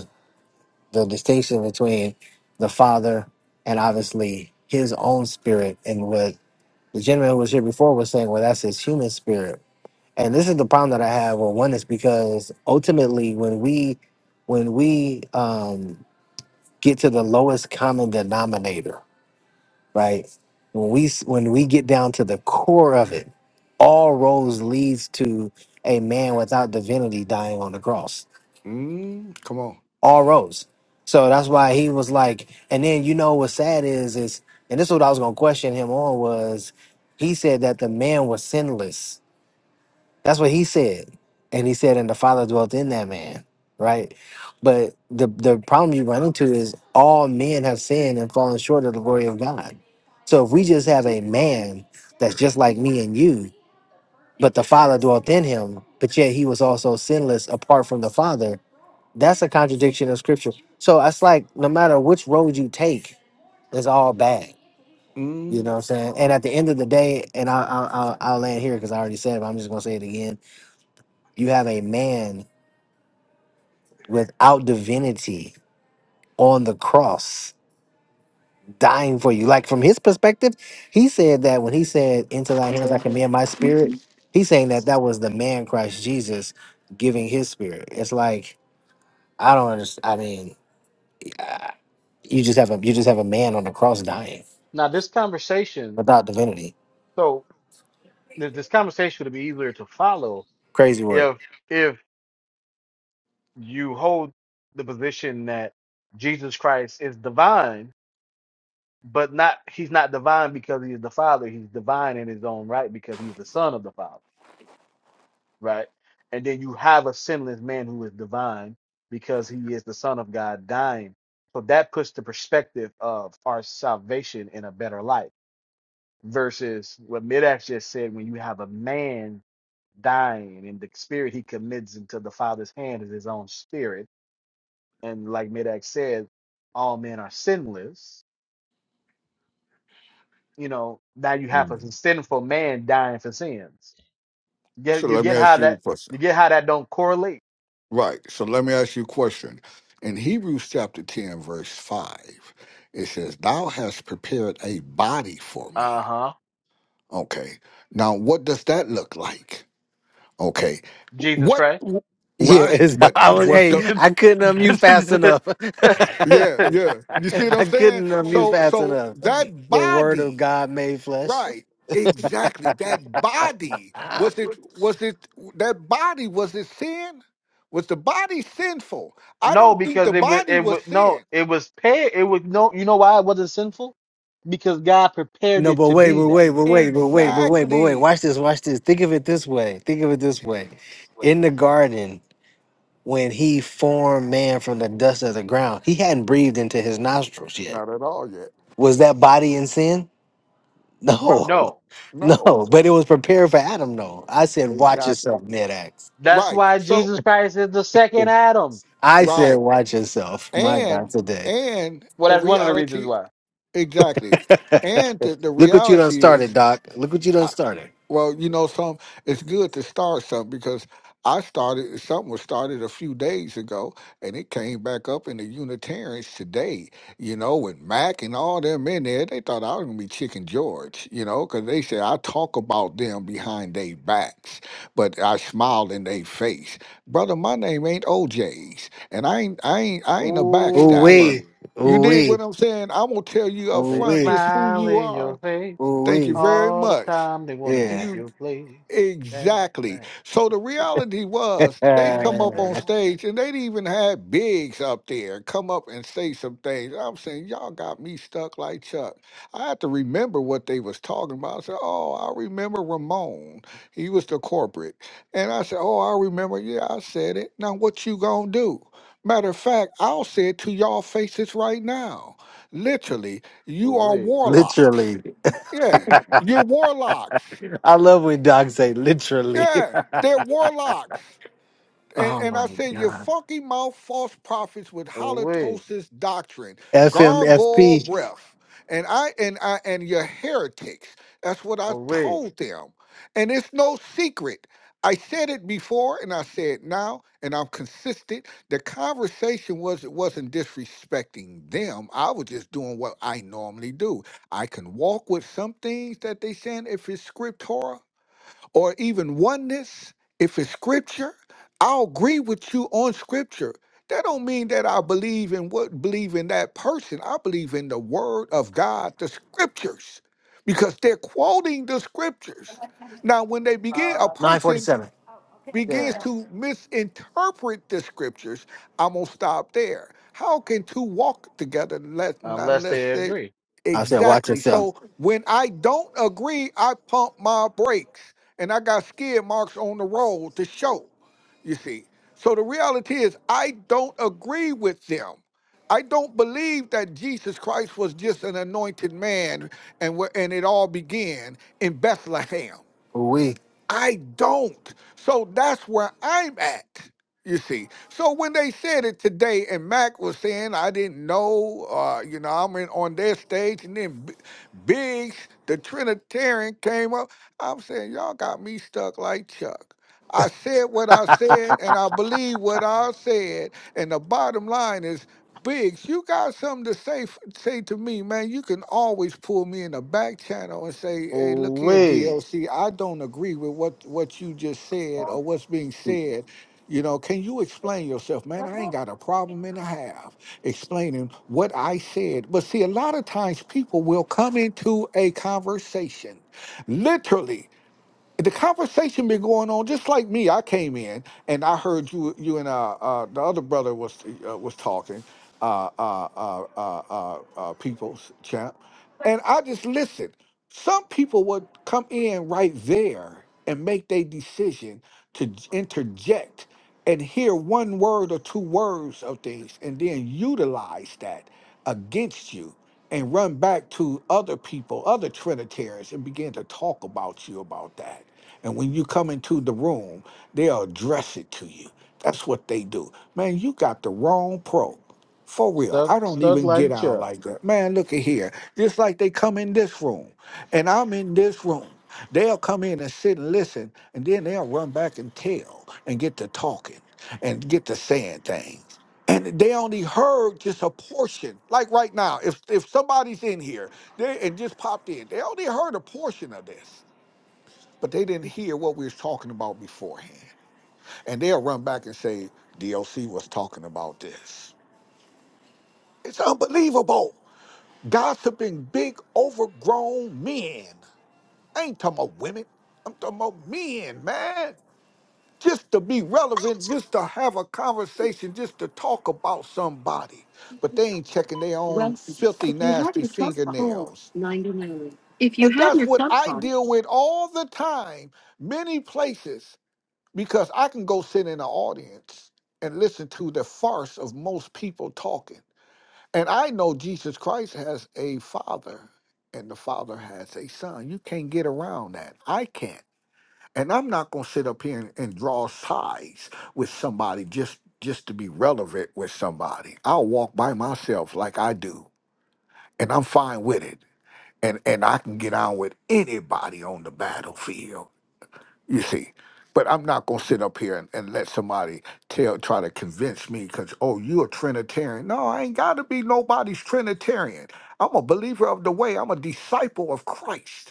the distinction between the Father and obviously his own spirit and what the gentleman who was here before was saying, well, that's his human spirit. And this is the problem that I have with one is because ultimately when we when we um, get to the lowest common denominator, right? When we s- when we get down to the core of it, all roads leads to a man without divinity dying on the cross
mm, come on.
all roads. So that's why he was like, and then you know what's sad is is, and this is what I was gonna question him on was, he said that the man was sinless. That's what he said, and he said, and the Father dwelt in that man, right? But the the problem you run into is all men have sinned and fallen short of the glory of God. So if we just have a man that's just like me and you, but the Father dwelt in him, but yet he was also sinless apart from the Father that's a contradiction of scripture. So it's like no matter which road you take, it's all bad. You know
Mm,
what I'm saying? And at the end of the day, and I, I, I'll, I'll land here because I already said it, but I'm just going to say it again. You have a man without divinity on the cross dying for you. Like from his perspective, he said that when he said, Into thy hands I commend my spirit, he's saying that that was the man Christ Jesus giving his spirit. It's like, I don't understand. I mean, you just have a you just have a man on the cross dying.
Now this conversation,
without divinity.
so th- this conversation would be easier to follow
Crazy work.
if if you hold the position that Jesus Christ is divine, but not he's not divine because he is the Father. He's divine in his own right because he's the Son of the Father, right? And then you have a sinless man who is divine because he is the Son of God dying. So that puts the perspective of our salvation in a better light versus what Midax just said when you have a man dying and the spirit he commits into the Father's hand is his own spirit and like Midak said, all men are sinless. You know, now you have
mm.
a sinful man dying for sins.
So
Get you
let me
get
ask
how
you a
that
question.
you get how that don't correlate.
Right. So let me ask you a question. In Hebrews chapter 10, verse 5, it says, Thou hast prepared a body for me.
Uh huh.
Okay. Now, what does that look like? Okay.
Jesus
What,
Christ.
Yeah,
right.
it's,
But
I was.
what's
Hey,
the,
I couldn't unmute fast enough.
Yeah, yeah. You see what I'm
I
saying?
couldn't unmute
So
fast
so
enough.
that
The Word of
body,
God made flesh.
right. Exactly. That body
Ah.
was it was it that body was it sin? Was the body sinful? I
no,
don't think
because
the
it was
body
it
was
was no,
sin.
it was paid. It was no. You know why it wasn't sinful? Because God prepared
No,
it
but
to
wait,
be
but
that.
wait, but wait, but wait, but wait, but wait.
Exactly.
Watch this. Watch this. Think of it this way. Think of it this way. In the garden, when He formed man from the dust of the ground, He hadn't breathed into His nostrils yet.
Not at all yet.
Was that body in sin? No.
No.
No,
No,
No.
but it was prepared for Adam, though. I said, watch
Exactly.
yourself, mid axe.
that's
Right.
why
So
Jesus Christ is the second Adam.
I said,
right.
watch yourself. My God,
And
today.
and
Well,
the
that's one of the reasons
reality
why.
exactly. And the, the
Look what you done
reality
started,
is
Doc. Look what you done started.
Well, you know, some it's good to start something because I started something was started a few days ago, and it came back up in the Unitarians today. You know, with Mac and all them in there, they thought I was gonna be Chicken George. You know, because they said I talk about them behind their backs, but I smile in their face. Brother, my name ain't OJ's, and I ain't I ain't I ain't a
Ooh
backstabber.
wee.
Ooh,
You
Ooh
dig what
wee.
I'm saying? I'm gonna tell you up
Ooh
They
front
wee.
just who
smile
you
in
are.
your face
Ooh
Thank you
wee.
very
all the
much.
time. They want to take
Yeah.
You
your place. Back,
Exactly.
back,
So the reality was they
back,
come up on
Uh,
back.
stage and they'd even had bigs up there come up and say some things. I'm saying, y'all got me stuck like Chuck. I had to remember what they was talking about. I said, oh, I remember Ramon. He was the corporate. And I said, oh, I remember. Yeah, I said it. Now what you gonna do? Matter of fact, I'll say it to y'all faces right now. Literally, you are
Away,
warlocks.
literally.
Yeah, you're warlocks.
I love when Doc say literally.
Yeah, they're warlocks. And,
oh
and I
my
said, your
God.
funky mouth false prophets with
away,
halitosis doctrine, gargoyle
FMFP
breath, and I and I and your heretics. That's what I
away.
told them. And it's no secret. I said it before and I say it now, and I'm consistent. The conversation was it wasn't disrespecting them. I was just doing what I normally do. I can walk with some things that they saying if it's scriptura, or even oneness if it's scripture i'll agree with you on scripture that don't mean that i believe in what believe in that person i believe in the word of god the scriptures because they're quoting the scriptures now when they begin a person
947.
begins
Yeah.
to misinterpret the scriptures, I'm gonna stop there. How can two walk together unless,
Unless
unless
they
they
agree.
I said, watch
exactly?
yourself.
So when I don't agree, I pump my brakes and I got skid marks on the road to show. You see, so the reality is I don't agree with them. I don't believe that Jesus Christ was just an anointed man and where and it all began in Bethlehem.
Ooh wee.
I don't. So that's where I'm at. You see. So when they said it today, and Mac was saying, I didn't know, uh, you know, I'm in, on their stage, and then B- Biggs, the Trinitarian, came up. I'm saying, y'all got me stuck like Chuck. I said what I said, and I believe what I said. And the bottom line is Biggs, you got something to say f- say to me, man. You can always pull me in the back channel and say, "Hey, look here,
Away.
DLC. I don't agree with what what you just said or what's being said. You know, can you explain yourself, man? I ain't got a problem and a half explaining what I said. But see, a lot of times people will come into a conversation, literally the conversation been going on just like me. I came in and I heard you, you and uh, uh the other brother was uh, was talking, uh, uh, uh, uh, uh, uh people's champ, and I just listened. Some people would come in right there and make their decision to j- interject and hear one word or two words of things and then utilize that against you and run back to other people, other Trinitarians, and begin to talk about you about that. And when you come into the room, they'll address it to you. That's what they do. Man, you got the wrong pro. For real.
Stuck,
I don't
stuck
even get
like
out
Chuck.
like that. Man, look at here. Just like they come in this room, and I'm in this room. They'll come in and sit and listen, and then they'll run back and tell and get to talking and get to saying things and they only heard just a portion. Like right now, if if somebody's in here they, and just popped in, they only heard a portion of this, but they didn't hear what we was talking about beforehand. And they'll run back and say, "DLC was talking about this." It's unbelievable. Gossiping big overgrown men. I ain't talking about women. I'm talking about men, man. just to be relevant, just to have a conversation, just to talk about somebody. But they ain't checking their own
Well, if
filthy,
you have
nasty
your club card,
fingernails.
99. If you
And
have
that's
your
what
club
I
card.
deal with all the time, many places, because I can go sit in the audience and listen to the farce of most people talking. And I know Jesus Christ has a father, and the father has a son. You can't get around that. I can't and I'm not going to sit up here and, and draw sides with somebody just just to be relevant with somebody. I'll walk by myself like I do, and I'm fine with it, and and I can get on with anybody on the battlefield. You see. But I'm not gonna sit up here and, and let somebody tell try to convince me because oh you're a Trinitarian. No, I ain't gotta be nobody's Trinitarian. I'm a believer of the way, I'm a disciple of Christ.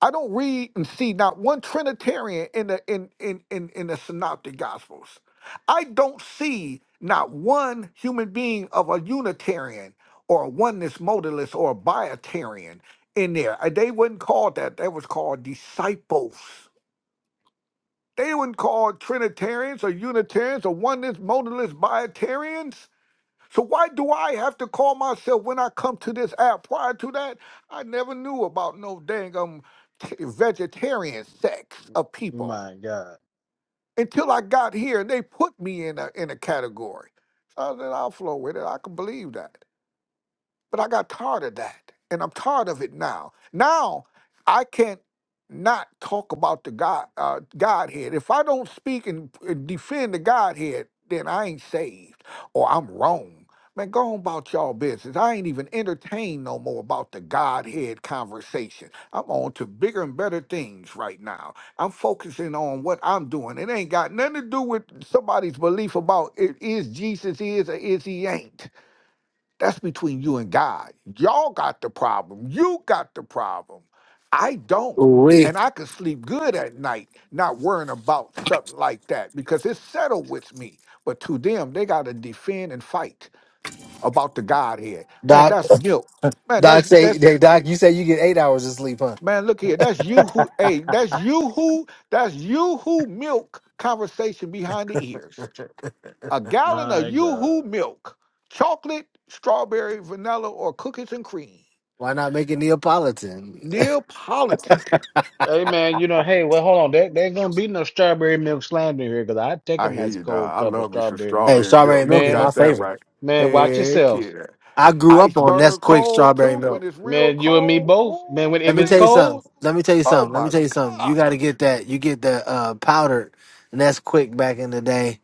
I don't read and see not one Trinitarian in the in in in, in the synoptic gospels. I don't see not one human being of a Unitarian or a oneness modalist or a biotarian in there. Uh, They wasn't called that. They was called disciples. They weren't called Trinitarians or Unitarians or oneness modalist biotarians. So why do I have to call myself when I come to this app? Prior to that, I never knew about no dang um t- vegetarian sects of people
My God,
until I got here and they put me in a in a category. So I said, I'll flow with it. I can believe that. But I got tired of that. And I'm tired of it now. Now I can't not talk about the God uh, Godhead. If I don't speak and, and defend the Godhead, then I ain't saved or I'm wrong. Man, go on about y'all business. I ain't even entertained no more about the Godhead conversation. I'm on to bigger and better things right now. I'm focusing on what I'm doing. It ain't got nothing to do with somebody's belief about it is Jesus is or is he ain't. That's between you and God. Y'all got the problem. You got the problem. I don't.
Ooh,
And I can sleep good at night, not worrying about something like that because it's settled with me. But to them, they got to defend and fight about the Godhead. Man,
Doc,
that's milk. Man,
Doc
that's
say,
that's
hey, Doc, you say you get eight hours of sleep, huh?
man. Look here, that's you who. Hey, that's you who. That's you who milk conversation behind the ears. A gallon of
my
you
God.
who milk, chocolate, strawberry, vanilla, or cookies and cream.
Why not make it Neapolitan?
Neapolitan.
Hey man, you know, hey, well, hold on. There, there ain't gonna be no strawberry milk slander here because I take a
I hear
nice
you,
cold
dog. I
cup of
love me some
strawberry milk.
Hey,
strawberry
strawberry
milk. You
milk is my
Man,
got that
favorite.
right.
man, watch
Heck
yourselves.
yeah.
I grew up on
Iceberg
Nesquik
cold
strawberry
too, when
milk.
it's real
Man, you and me
cold.
both. Man, when
Woo
Let
if
me
it's
tell you
wee.
cold.
something. Let me tell you
Oh
something. Let
my
me tell you something. You
God.
got to get that. You get the uh, powdered Nesquik back in the day.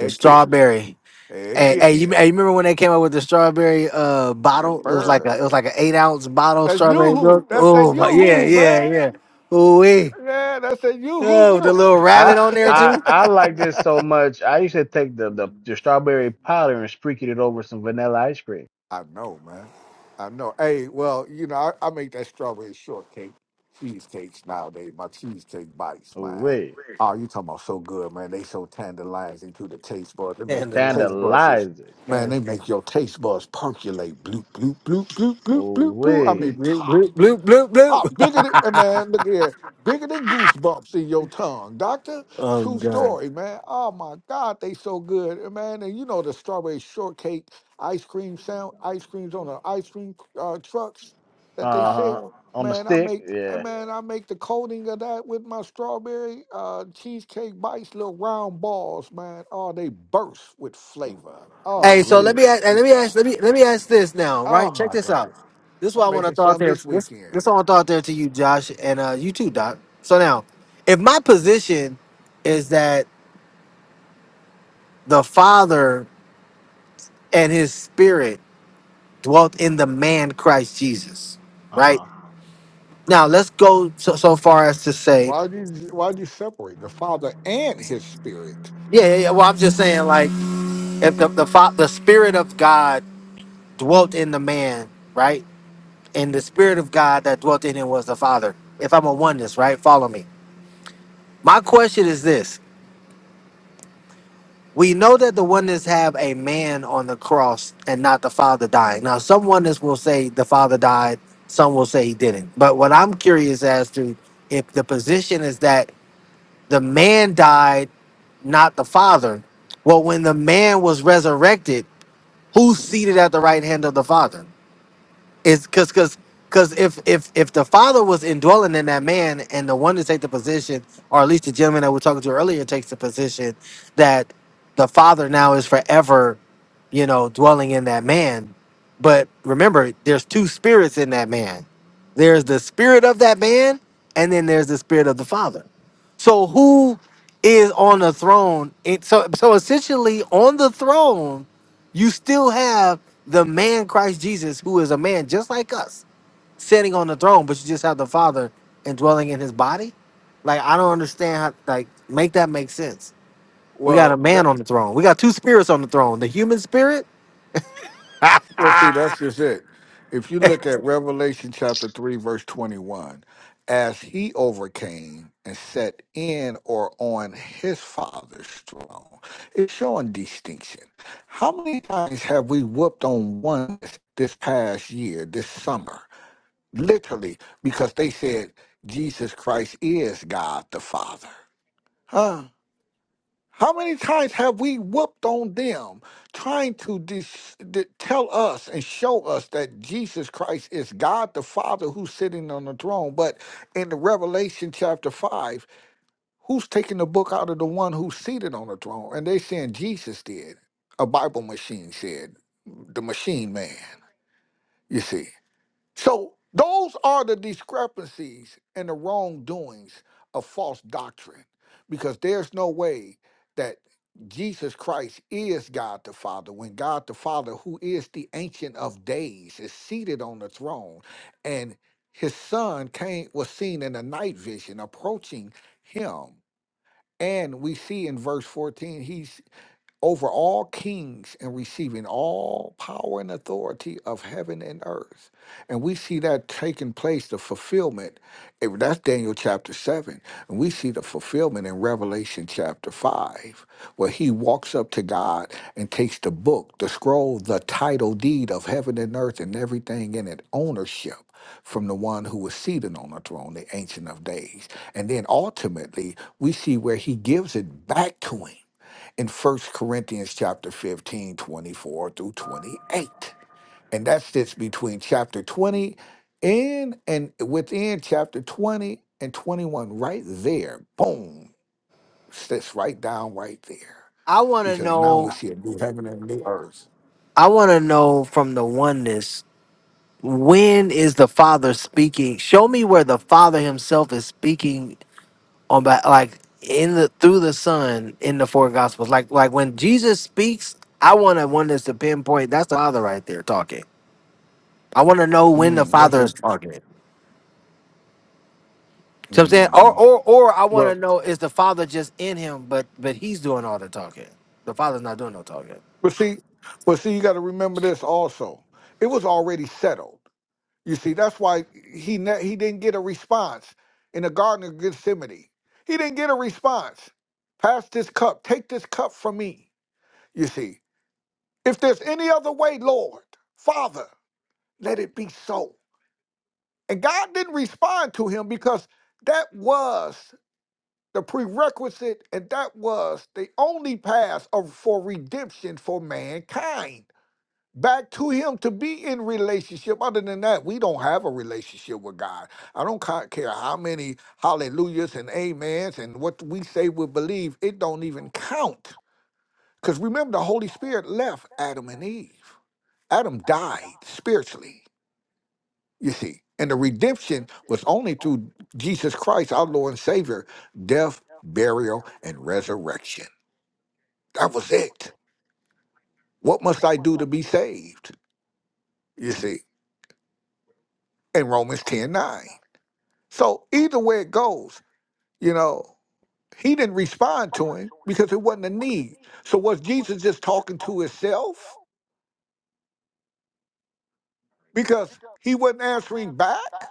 The
yeah.
strawberry.
Heck
Hey,
yeah.
hey, you, hey, you remember when they came out with the strawberry uh bottle? It was like
Yipper.
a it was like an eight ounce bottle of
That's
strawberry
yoo-hoo.
milk.
That's that
Oh my yeah,
yoo-hoo,
yeah,
man.
yeah. Ooh wee.
Yeah, that's that yoo-hoo
Oh, with the
milk.
little
I
rabbit on there
I
too.
I like this so much. I used to take the the, the strawberry powder and sprinkle it over some vanilla ice cream.
I know, man. I know. Hey, well, you know, I, I make that strawberry shortcake, cheesecakes nowadays. My cheesecake bites,
Ooh
man.
wee,
Oh, you talking about so good, man? They so tantalizing to the taste buds. They make your taste
Tandalizer.
buds just,
tandalize it.
man. They make
Bloop,
your taste buds percolate. Bloop bloop bloop bloop bloop
Ooh
bloop bloop. I mean,
wee,
pop.
bloop, bloop, bloop, bloop.
Oh, bigger than eh,
bloop.
man, look here. Bigger than goosebumps in your tongue, doctor.
I'm
True
done.
story, man. Oh my God, they so good, Eh, man. And you know the strawberry shortcake ice cream sound ice creams on the ice cream uh, trucks
uh
that they
huh.
sell.
On the
Man, I
stick,
make eh,
yeah.
man, I make the coating of that with my strawberry uh, cheesecake bites, little round balls, man. Oh, they burst with flavor. Oh
Ooh
Hey, so let
wee,
me
Jesus,
ask, and let me
inside.
ask, let me let me ask this now,
Oh
right? Check
my
this
God,
out. This is what
I'm
I want to
making
throw out
some
there.
this
This
weekend.
this I want to throw out there to you, Josh, and uh you too, Doc. So now, if my position is that the father and his spirit dwelt in the man Christ Jesus.
uh
Right?
huh.
Now let's go so, so far as to say,
Why do you why do you separate the Father and His Spirit?
yeah, yeah, yeah. Well, I'm just saying, like, if the the, fa- the spirit of God dwelt in the man, right? And the spirit of God that dwelt in him was the Father. If I'm a oneness, right? Follow me. My question is this We know that the oneness have a man on the cross and not the father dying. Now, some oneness will say the father died, some will say he didn't. But what I'm curious as to if the position is that the man died, not the father. Well, when the man was resurrected, who's seated at the right hand of the father? Is because because because if if if the father was indwelling in that man, and the one to take the position, or at least the gentleman that we are talking to earlier takes the position that the father now is forever, you know, dwelling in that man. But remember, there's two spirits in that man. There's the spirit of that man, and then there's the spirit of the father. So who is on the throne? It, so so essentially, on the throne you still have the man Christ Jesus, who is a man just like us, sitting on the throne, but you just have the Father and dwelling in his body. Like, I don't understand how, like, make that make sense. We got a
Well,
man
that,
on the throne. We got two spirits on the throne. The human spirit,
well, see, that's just it. If you look at Revelation chapter three, verse twenty-one, as He overcame and sat in or on His Father's throne, it's showing distinction. How many times have we whooped on one this past year, this summer, literally because they said Jesus Christ is God the Father, huh? How many times have we whooped on them trying to dis- di- tell us and show us that Jesus Christ is God the Father who's sitting on the throne? But in the Revelation chapter 5, who's taking the book out of the one who's seated on the throne? And they saying Jesus did. A Bible machine said, the machine man, you see. So those are the discrepancies and the wrongdoings of false doctrine, because there's no way that Jesus Christ is God the Father when God the Father, who is the Ancient of Days, is seated on the throne, and His Son came was seen in a night vision approaching Him, and we see in verse fourteen He's over all kings and receiving all power and authority of heaven and earth. And we see that taking place, the fulfillment. eh, That's Daniel chapter 7. And we see the fulfillment in Revelation chapter 5, where he walks up to God and takes the book, the scroll, the title deed of heaven and earth and everything in it, ownership from the one who was seated on the throne, the Ancient of Days. And then ultimately, we see where he gives it back to him in First Corinthians chapter 15, 24 through 28. And that sits between chapter 20 and and within chapter 20 and 21, right there. Boom. Sits right down right there.
I want to
Because now we
know,
see a new heaven and a new earth.
I want to know from the oneness, when is the Father speaking? Show me where the Father himself is speaking on back like in the through the Son in the four gospels. Like like when Jesus speaks, I want to want us to pinpoint that's the Father right there talking. I want to know when the
Mm, that's
Father is
interesting.
talking. So I'm saying, or
hmm
or or I want to
Well,
know is the Father just in him, but but he's doing all the talking. The Father's not doing no talking.
but see, but see, you got to remember this also. It was already settled. You see, that's why he ne- he didn't get a response in the Garden of Gethsemane. He didn't get a response. Pass this cup. Take this cup from me. You see, if there's any other way, Lord, Father, let it be so. And God didn't respond to him because that was the prerequisite and that was the only path of, for redemption for mankind. back to him to be in relationship other than that we don't have a relationship with god i don't ca- care how many hallelujahs and amens and what we say we believe it don't even count because remember the holy spirit left adam and eve adam died spiritually you see and the redemption was only through jesus christ our lord and savior death burial and resurrection that was it what must i do to be saved you see in romans ten nine. So either way it goes, you know, he didn't respond to him because it wasn't a need. So was Jesus just talking to himself because he wasn't answering back?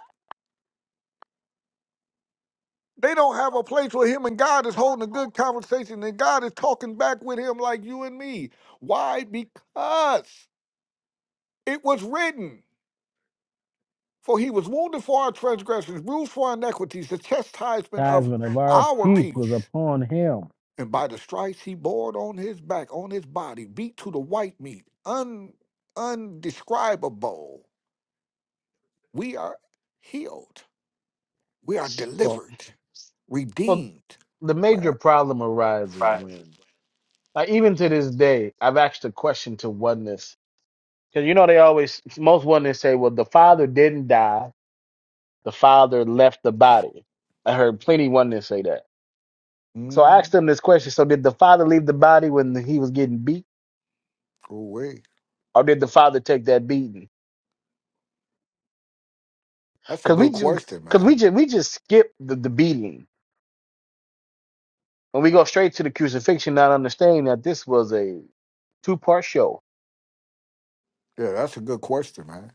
They don't have a place where him and God is holding a good conversation and God is talking back with him like you and me. Why? Because it was written. For he was wounded for our transgressions, bruised for our iniquities, the chastisement of
Chasm of our
our
peace was
peace.
upon him.
And by the stripes he bore on his back, on his body, beat to the white meat, un, undescribable. We are healed. We are
Well,
delivered,
well,
redeemed.
the
Man,
major problem arises
Right.
when, like, even to this day, I've asked a question to oneness because you know they always most oneness say, "Well, the Father didn't die." The father left the body. I heard plenty oneness say that. So I asked
mm,
them this question. So did the father leave the body when he was getting beat?
ooh
Or did the father take that beating?
that's a
Cause we
good
do,
question,
cause we
man.
just, we just skip the, the beating. When we go straight to the crucifixion, not understanding that this was a two part show.
Yeah, that's a good question, man.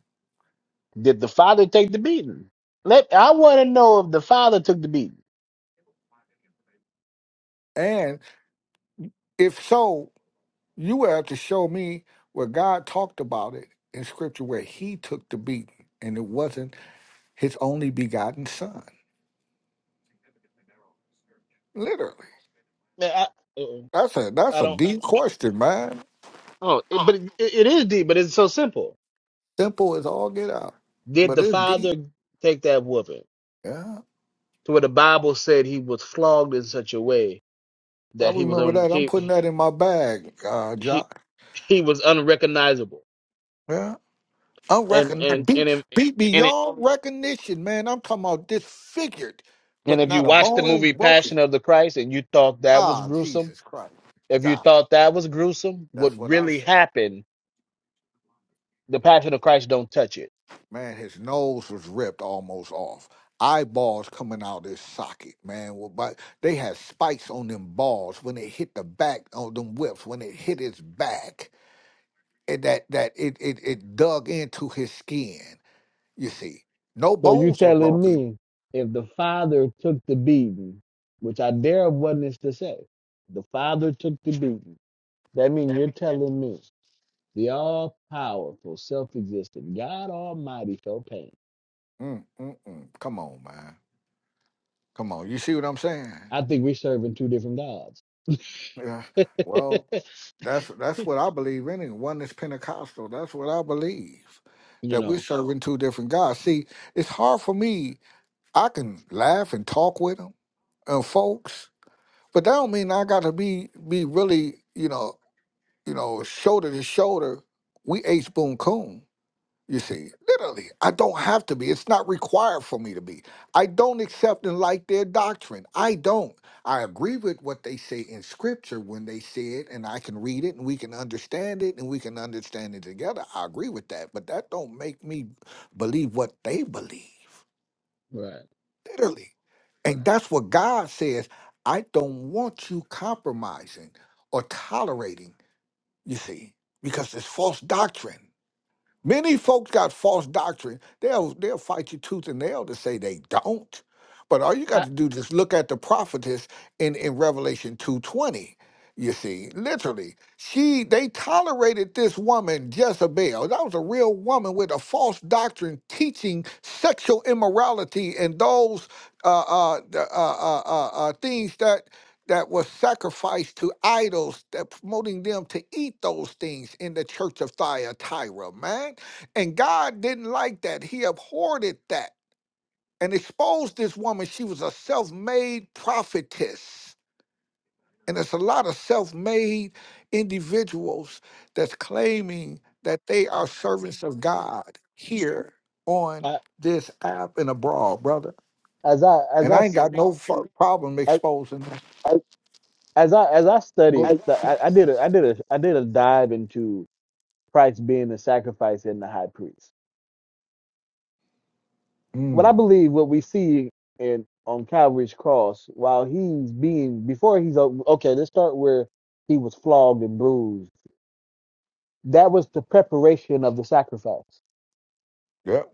Did the father take the beating? Let I want to know if the father took the beating.
And if so, you have to show me where God talked about it in scripture where he took the beating and it wasn't his only begotten son. Literally.
Man, I, uh-uh.
That's a that's
I
a
don't.
deep question, man.
Oh, it, but it, it is deep. But it's so simple.
Simple as all get out,
Did
but
the
it's deep.
father take that whooping?
Yeah,
to where the Bible said he was flogged in such a way
I
that he was
remember
un-
that. I'm putting
he
that in my bag, uh,
he
Josh.
he was unrecognizable.
Yeah, I'm
And
reckon
and and
beat
if,
beat
and it,
beyond recognition, man. I'm talking about disfigured,
and
but
if you
not a
watch the
bone
movie
broken.
Passion of the Christ and you thought that was
Ah,
gruesome,
Jesus Christ,
if you
God,
thought that was gruesome, what
that's what I
really
say.
happened? The Passion of Christ don't touch it.
Man, his nose was ripped almost off. Eyeballs coming out his socket, man. Well, But they had spikes on them balls when it hit the back on them whips, when it hit his back. And that that it it, it dug into his skin, you see. No
So you
bones were
telling
broken.
me if the Father took the beating, which I dare witness to say, the Father took the beating. That means you're telling me the all powerful, self existent God Almighty felt pain.
Mm, mm, mm. Come on, man. Come on. You see what I'm saying?
I think we're serving two different gods.
Yeah. Well, That's that's what I believe in. and One is Pentecostal. That's what I believe.
you
That we're
know,
serving two different gods. See, it's hard for me. I can laugh and talk with them and folks, but that don't mean I got to be be really, you know, you know, shoulder to shoulder. We H Boone Coon. You see, literally, I don't have to be. It's not required for me to be. I don't accept and like their doctrine. I don't. I agree with what they say in scripture when they say it, and I can read it and we can understand it and we can understand it together. I agree with that, but that don't make me believe what they believe,
right?
literally. And that's what God says. I don't want you compromising or tolerating, you see, because it's false doctrine. Many folks got false doctrine. They'll they'll fight you tooth and nail to say they don't. But all you got
I,
to do is look at the prophetess in, in Revelation 220. You see, literally, she they tolerated this woman, Jezebel. That was a real woman with a false doctrine teaching sexual immorality and those uh, uh, the, uh, uh, uh, uh, things that that was sacrificed to idols that promoting them to eat those things in the church of Thyatira, man. And God didn't like that. He abhorred that and exposed this woman. She was a self-made prophetess. And there's a lot of self-made individuals that's claiming that they are servants of God here on
I,
this app and abroad, brother.
as I as
And
I
I ain't
s-
got no fu- problem
as
exposing that.
as I as I studied,
Go-
'cause I, I did a I did a I did a dive into Christ being the sacrifice and the high priest. What I
Mm.
believe, what we see in on Calvary's cross, while he's being before he's okay, let's start where he was flogged and bruised. That was the preparation of the sacrifice
Yep.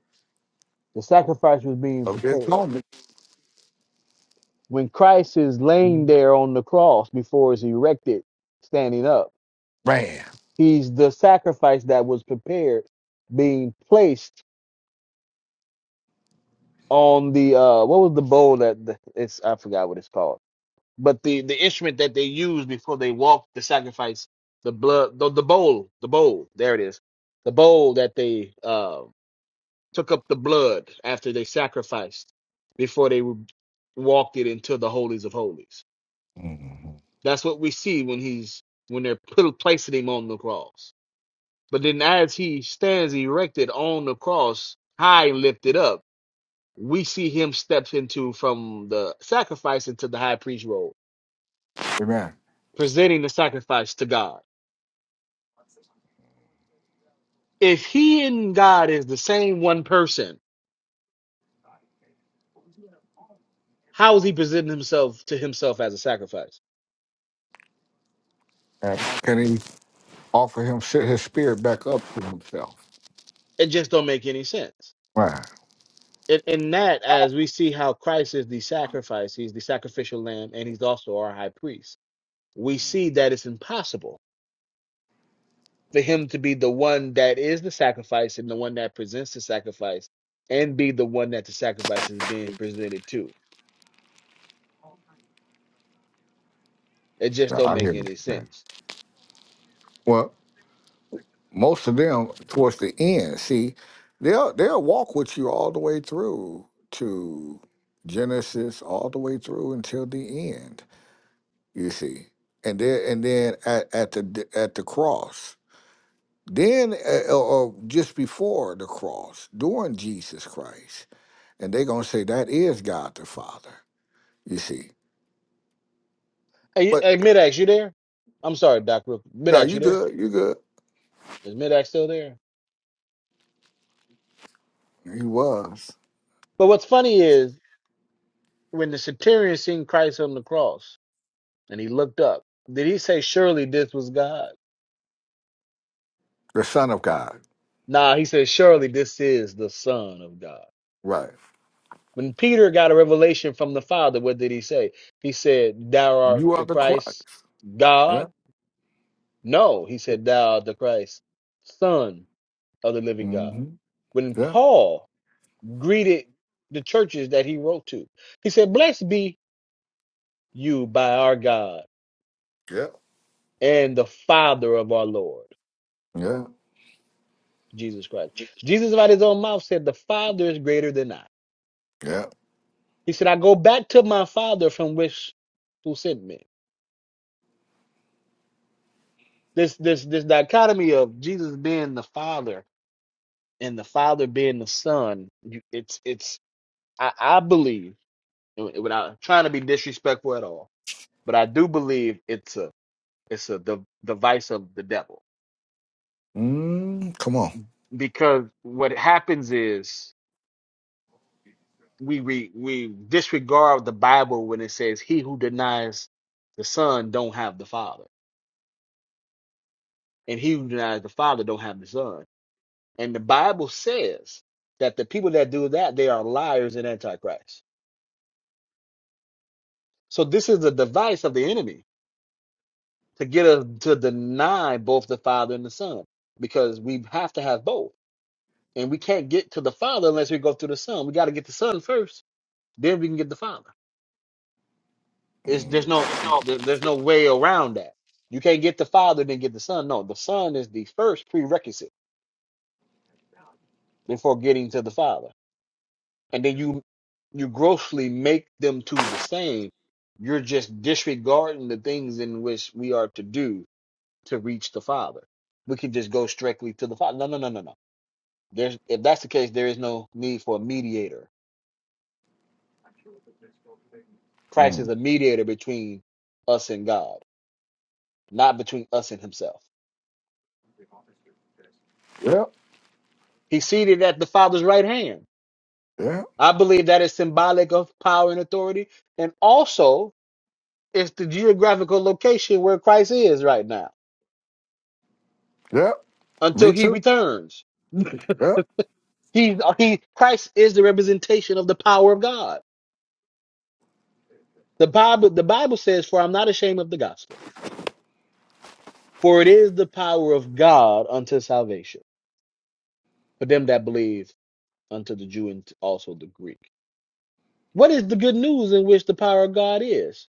The sacrifice was being
of this
prepared.
moment.
When Christ is laying there on the cross before it's erected, standing up,
Man.
he's the sacrifice that was prepared, being placed on the uh what was the bowl that the, it's I forgot what it's called, but the the instrument that they used before they walked the sacrifice, the blood, the, the bowl, the bowl, there it is, the bowl that they uh took up the blood after they sacrificed before they walked it into the holies of holies
Mhm.
That's what we see when he's when they're put, placing him on the cross. But then as he stands erected on the cross, high and lifted up, we see him steps into from the sacrifice into the high priest role,
Amen.
presenting the sacrifice to God. If he and God is the same one person, how is he presenting himself to himself as a sacrifice?
And can he offer him his spirit back up to himself?
It just don't make any sense.
Right.
In, in that, as we see how Christ is the sacrifice, he's the sacrificial lamb, and he's also our high priest we see that it's impossible for him to be the one that is the sacrifice and the one that presents the sacrifice and be the one that the sacrifice is being presented to. It just
Now,
don't
I hear
make
what
any
you're saying.
sense.
Well, most of them towards the end, see, they'll they'll walk with you all the way through to Genesis, all the way through until the end. You see, and then and then at, at the at the cross, then uh, or or just before the cross, during Jesus Christ. and they're gonna say that is God the Father. You see,
Hey,
but
hey Midax, you there? I'm sorry, Doc. real-
no,
Midax, you
you
there?
good, you good.
Is Midax still there?
He was
But what's funny is when the centurion seen Christ on the cross and he looked up, did he say, surely this was God?
the Son of God,
Nah, he said, surely this is the Son of God.
right?
When Peter got a revelation from the Father, what did he say? He said, Thou art
You are
the
the Christ.
Christ,
Yeah.
God? No, he said, Thou art the Christ, Son of the living God.
hmm
When
Yeah.
Paul greeted the churches that he wrote to, he said, Blessed be you by our God
Yeah.
and the Father of our Lord,
Yeah.
Jesus Christ. Jesus, out his own mouth, said, The Father is greater than I.
Yeah.
He said, I go back to my Father from which who sent me. this this this dichotomy of Jesus being the Father and the Father being the Son. You, it's it's I, I believe and without trying to be disrespectful at all, but I do believe it's a it's a the device of the devil
Mm, come on.
because what happens is we we we disregard the Bible when it says he who denies the Son don't have the Father, and he who denies the Father don't have the Son. And the Bible says that the people that do that they are liars and antichrist So this is a device of the enemy to get us to deny both the Father and the Son, because we have to have both, and we can't get to the Father unless we go through the Son. We got to get the Son first, then we can get the Father. It's there's
Mm.
no there- there's no way around that. You can't get the Father then get the Son. No, the Son is the first prerequisite before getting to the Father, and then you you grossly make them two the same. You're just disregarding the things in which we are to do to reach the Father. We can just go strictly to the Father. No, no, no, no, no. There's if that's the case, there is no need for a mediator. Christ is
Mm.
a mediator between us and God, not between us and Himself.
Yeah.
He's seated at the Father's right hand.
Yeah.
I believe that is symbolic of power and authority, and also it's the geographical location where Christ is right now
Yeah.
until
Me
He
too.
returns.
Yeah.
He, he, Christ is the representation of the power of God. The Bible, the Bible says, "For I'm not ashamed of the gospel." For it is the power of God unto salvation for them that believe, unto the Jew and also the Greek. What is the good news in which the power of God is?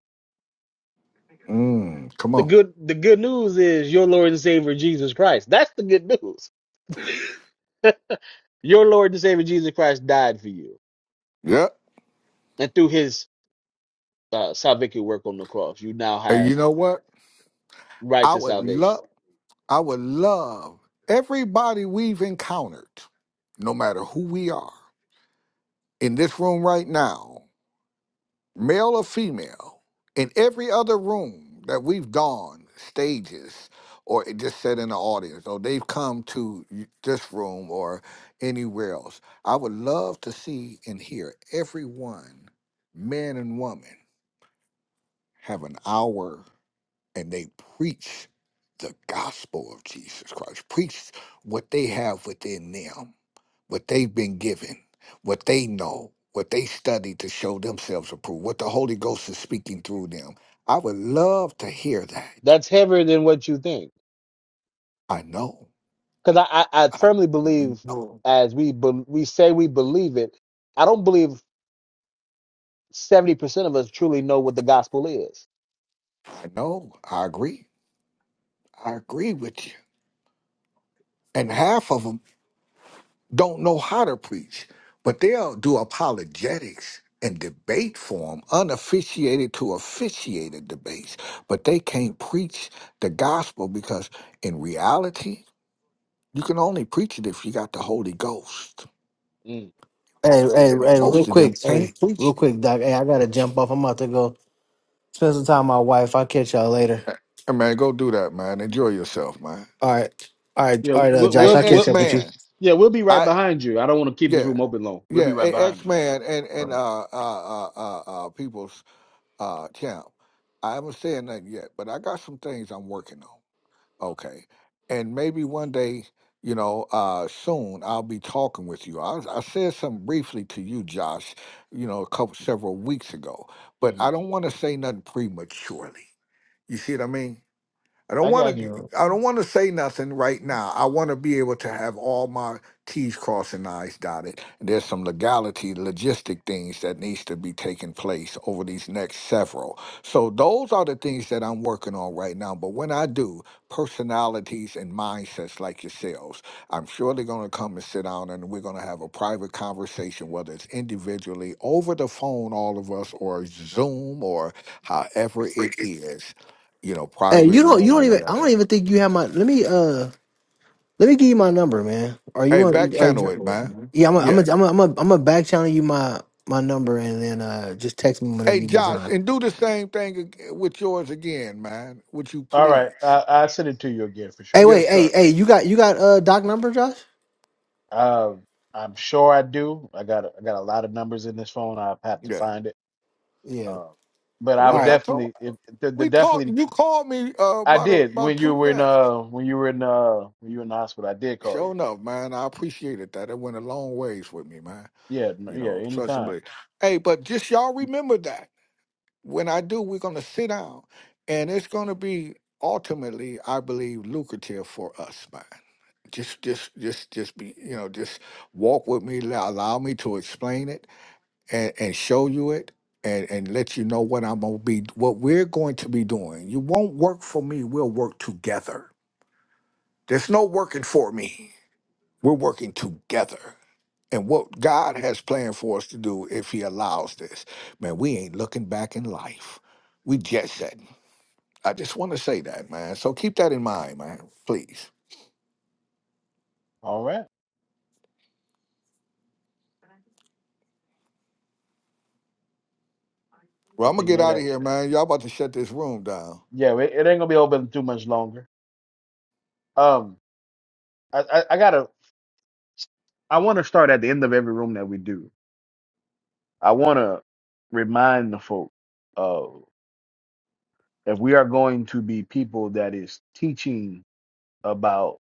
Mm, come
The
on.
good the good news is your Lord and Savior Jesus Christ. That's the good news. your Lord and Savior Jesus Christ died for you,
Yeah.
and through His uh, salvific work on the cross, you now
And
have
you know what?
right
I
to
would love.
salvation.
I would love everybody we've encountered, no matter who we are, in this room right now, male or female, in every other room that we've gone, stages, or it just sat in the audience, or they've come to y- this room or anywhere else. I would love to see and hear everyone, man and woman, have an hour and they preach the gospel of Jesus Christ, preach what they have within them, what they've been given, what they know, what they study to show themselves approved, what the Holy Ghost is speaking through them. I would love to hear that.
That's heavier than what you think,
I know.
because I, I I
I
firmly believe,
know.
as we be, we say we believe it, I don't believe. 70% of us truly know what the gospel is.
I know. I agree. I agree with you. And half of 'em don't know how to preach, but they'll do apologetics and debate form, unofficiated to officiated debates, but they can't preach the gospel because in reality, you can only preach it if you got the Holy Ghost.
Mm.
Hey hey
And
hey, real
most of them
quick,
can't
hey
preach
real
it.
quick, Doc. Hey, I gotta jump off. I'm about to go spend some time with my wife. I'll catch y'all later.
Hey, man, go do that, man. Enjoy yourself, man.
All right, all right,
Yeah,
all right, uh,
we'll,
Hey,
Josh.
we'll,
I'll
X
catch
we'll,
up with you.
Man.
yeah, we'll be right
I
behind you. I don't want to keep this
yeah,
room open long. We'll be
yeah.
right
Hey,
behind
X
you.
Man and and uh uh uh uh, uh people. Uh, Champ, I haven't said nothing yet, but I got some things I'm working on. Okay. And maybe one day, you know, uh, soon I'll be talking with you. I, was- I said something briefly to you, Josh, you know, a couple several weeks ago, but
hmm
I don't want to say nothing prematurely. You see what I mean? I don't
I
want
got
to.
you.
Yeah.
I don't want to say nothing right now. I want to be able to have all my T's crossed and I's dotted. There's some legality, logistic things that needs to be taking place over these next several. So those are the things that I'm working on right now. But when I do, personalities and mindsets like yourselves, I'm sure they're going to come and sit down, and we're going to have a private conversation, whether it's individually over the phone, all of us, or Zoom, or however it is you know,
Hey, you
private
don't you
room or
don't even I don't
whatever.
even think you have my let me uh let me give you my number, man. Are you
Hey, back
on are,
channel it, man.
Yeah, I'm a, I'm a,
Yeah.
I'm a, I'm a, I'm a back channel you my my number and then uh just text me whenever
Hey,
you get
Josh,
time.
and do the same thing ag- with yours again, man. Would you
All right,
please?
I, I'll send it to you again for
Hey,
sure.
Yes,
wait, hey,
sir.
hey, you got you got uh doc number, Josh?
Uh, I'm sure I do. I got a, I got a lot of numbers in this phone. I have to
Yeah.
find it.
Yeah.
Uh, but I
All
We
would
right.
I told
definitely, if the, the
we talked.
definitely,
You called me uh,
I
about a,
did
about
when you
two.
were in
Yeah.
uh when you were in uh when you were in the hospital. I did call
Sure
you.
enough, man. I appreciated that. It went a long ways with me, man.
Yeah, n-
You
yeah,
know, trust and
anytime.
believe. Hey, but just y'all remember that. When I do, we're going to sit down, and it's going to be ultimately, I believe, lucrative for us, man. Just, just, just, just be, you know, just walk with me. la- Allow me to explain it and, and show you it, and and let you know what I'm gonna be, what we're going to be doing. You won't work for me. We'll work together. There's no working for me. We're working together. And what God has planned for us to do if He allows this, man, we ain't looking back in life. We jet setting. I just want to say that, man. So keep that in mind, man, please.
All right. I
Well, I'm going
think
to get out
maybe.
of here, man. Y'all about to shut this room down.
Yeah, it, it ain't gonna be open too much longer. Um, I, I, I gotta, I want to start at the end of every room that we do. I want to remind the folk of if we are going to be people that is teaching about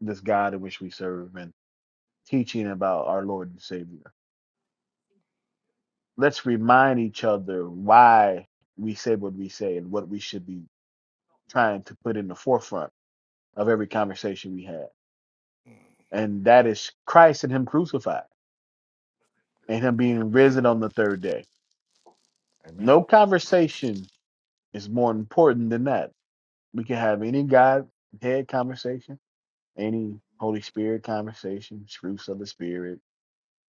this God in which we serve and teaching about our Lord and Savior. Let's remind each other why we say what we say and what we should be trying to put in the forefront of every conversation we have. And that is Christ and Him crucified. and him being risen on the third day.
Amen.
No conversation is more important than that. We can have any Godhead conversation, any Holy Spirit conversation, fruits of the Spirit,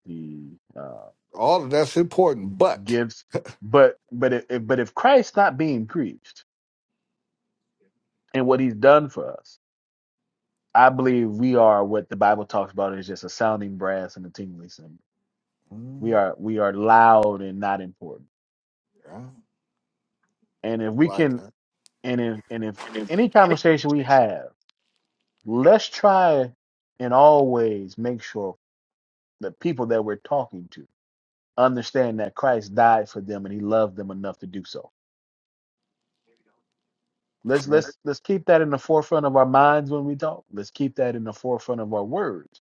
the uh,
All of that's important, but
gifts. But but if- but if Christ's not being preached and what He's done for us, I believe we are what the Bible talks about is just a sounding brass and a tingling cymbal. We
Mm,
are we are loud and not important.
yeah, I
And if we
like
can
that.
and if and if any
Amen.
conversation we have let's try and always make sure the people that we're talking to understand that Christ died for them and he loved them enough to do so. Let's let's let's keep that in the forefront of our minds when we talk. Let's keep that in the forefront of our words.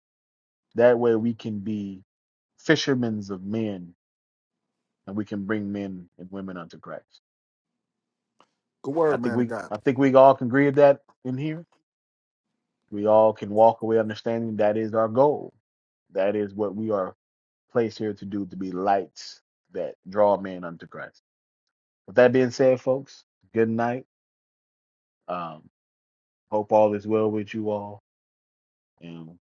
That way we can be fishermen of men and we can bring men and women unto Christ.
Good
I
word,
think
man of
we
God.
I think we all can agree with that in here. We all can walk away understanding that is our goal. That is what we are placed here to do to be lights that draw men unto Christ. With that being said, folks, good night. Um, hope all is well with you all, and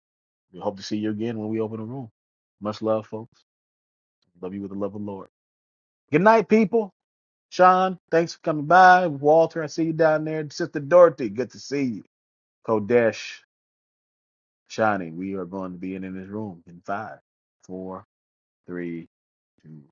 we hope to see you again when we open the room. Much love, folks. Love you with the love of the Lord. Good night, people. Sean, thanks for coming by. Walter, I see you down there. Sister Dorothy, good to see you. Kodesh, Shani, we are going to be in, in this room in five, four, three, two.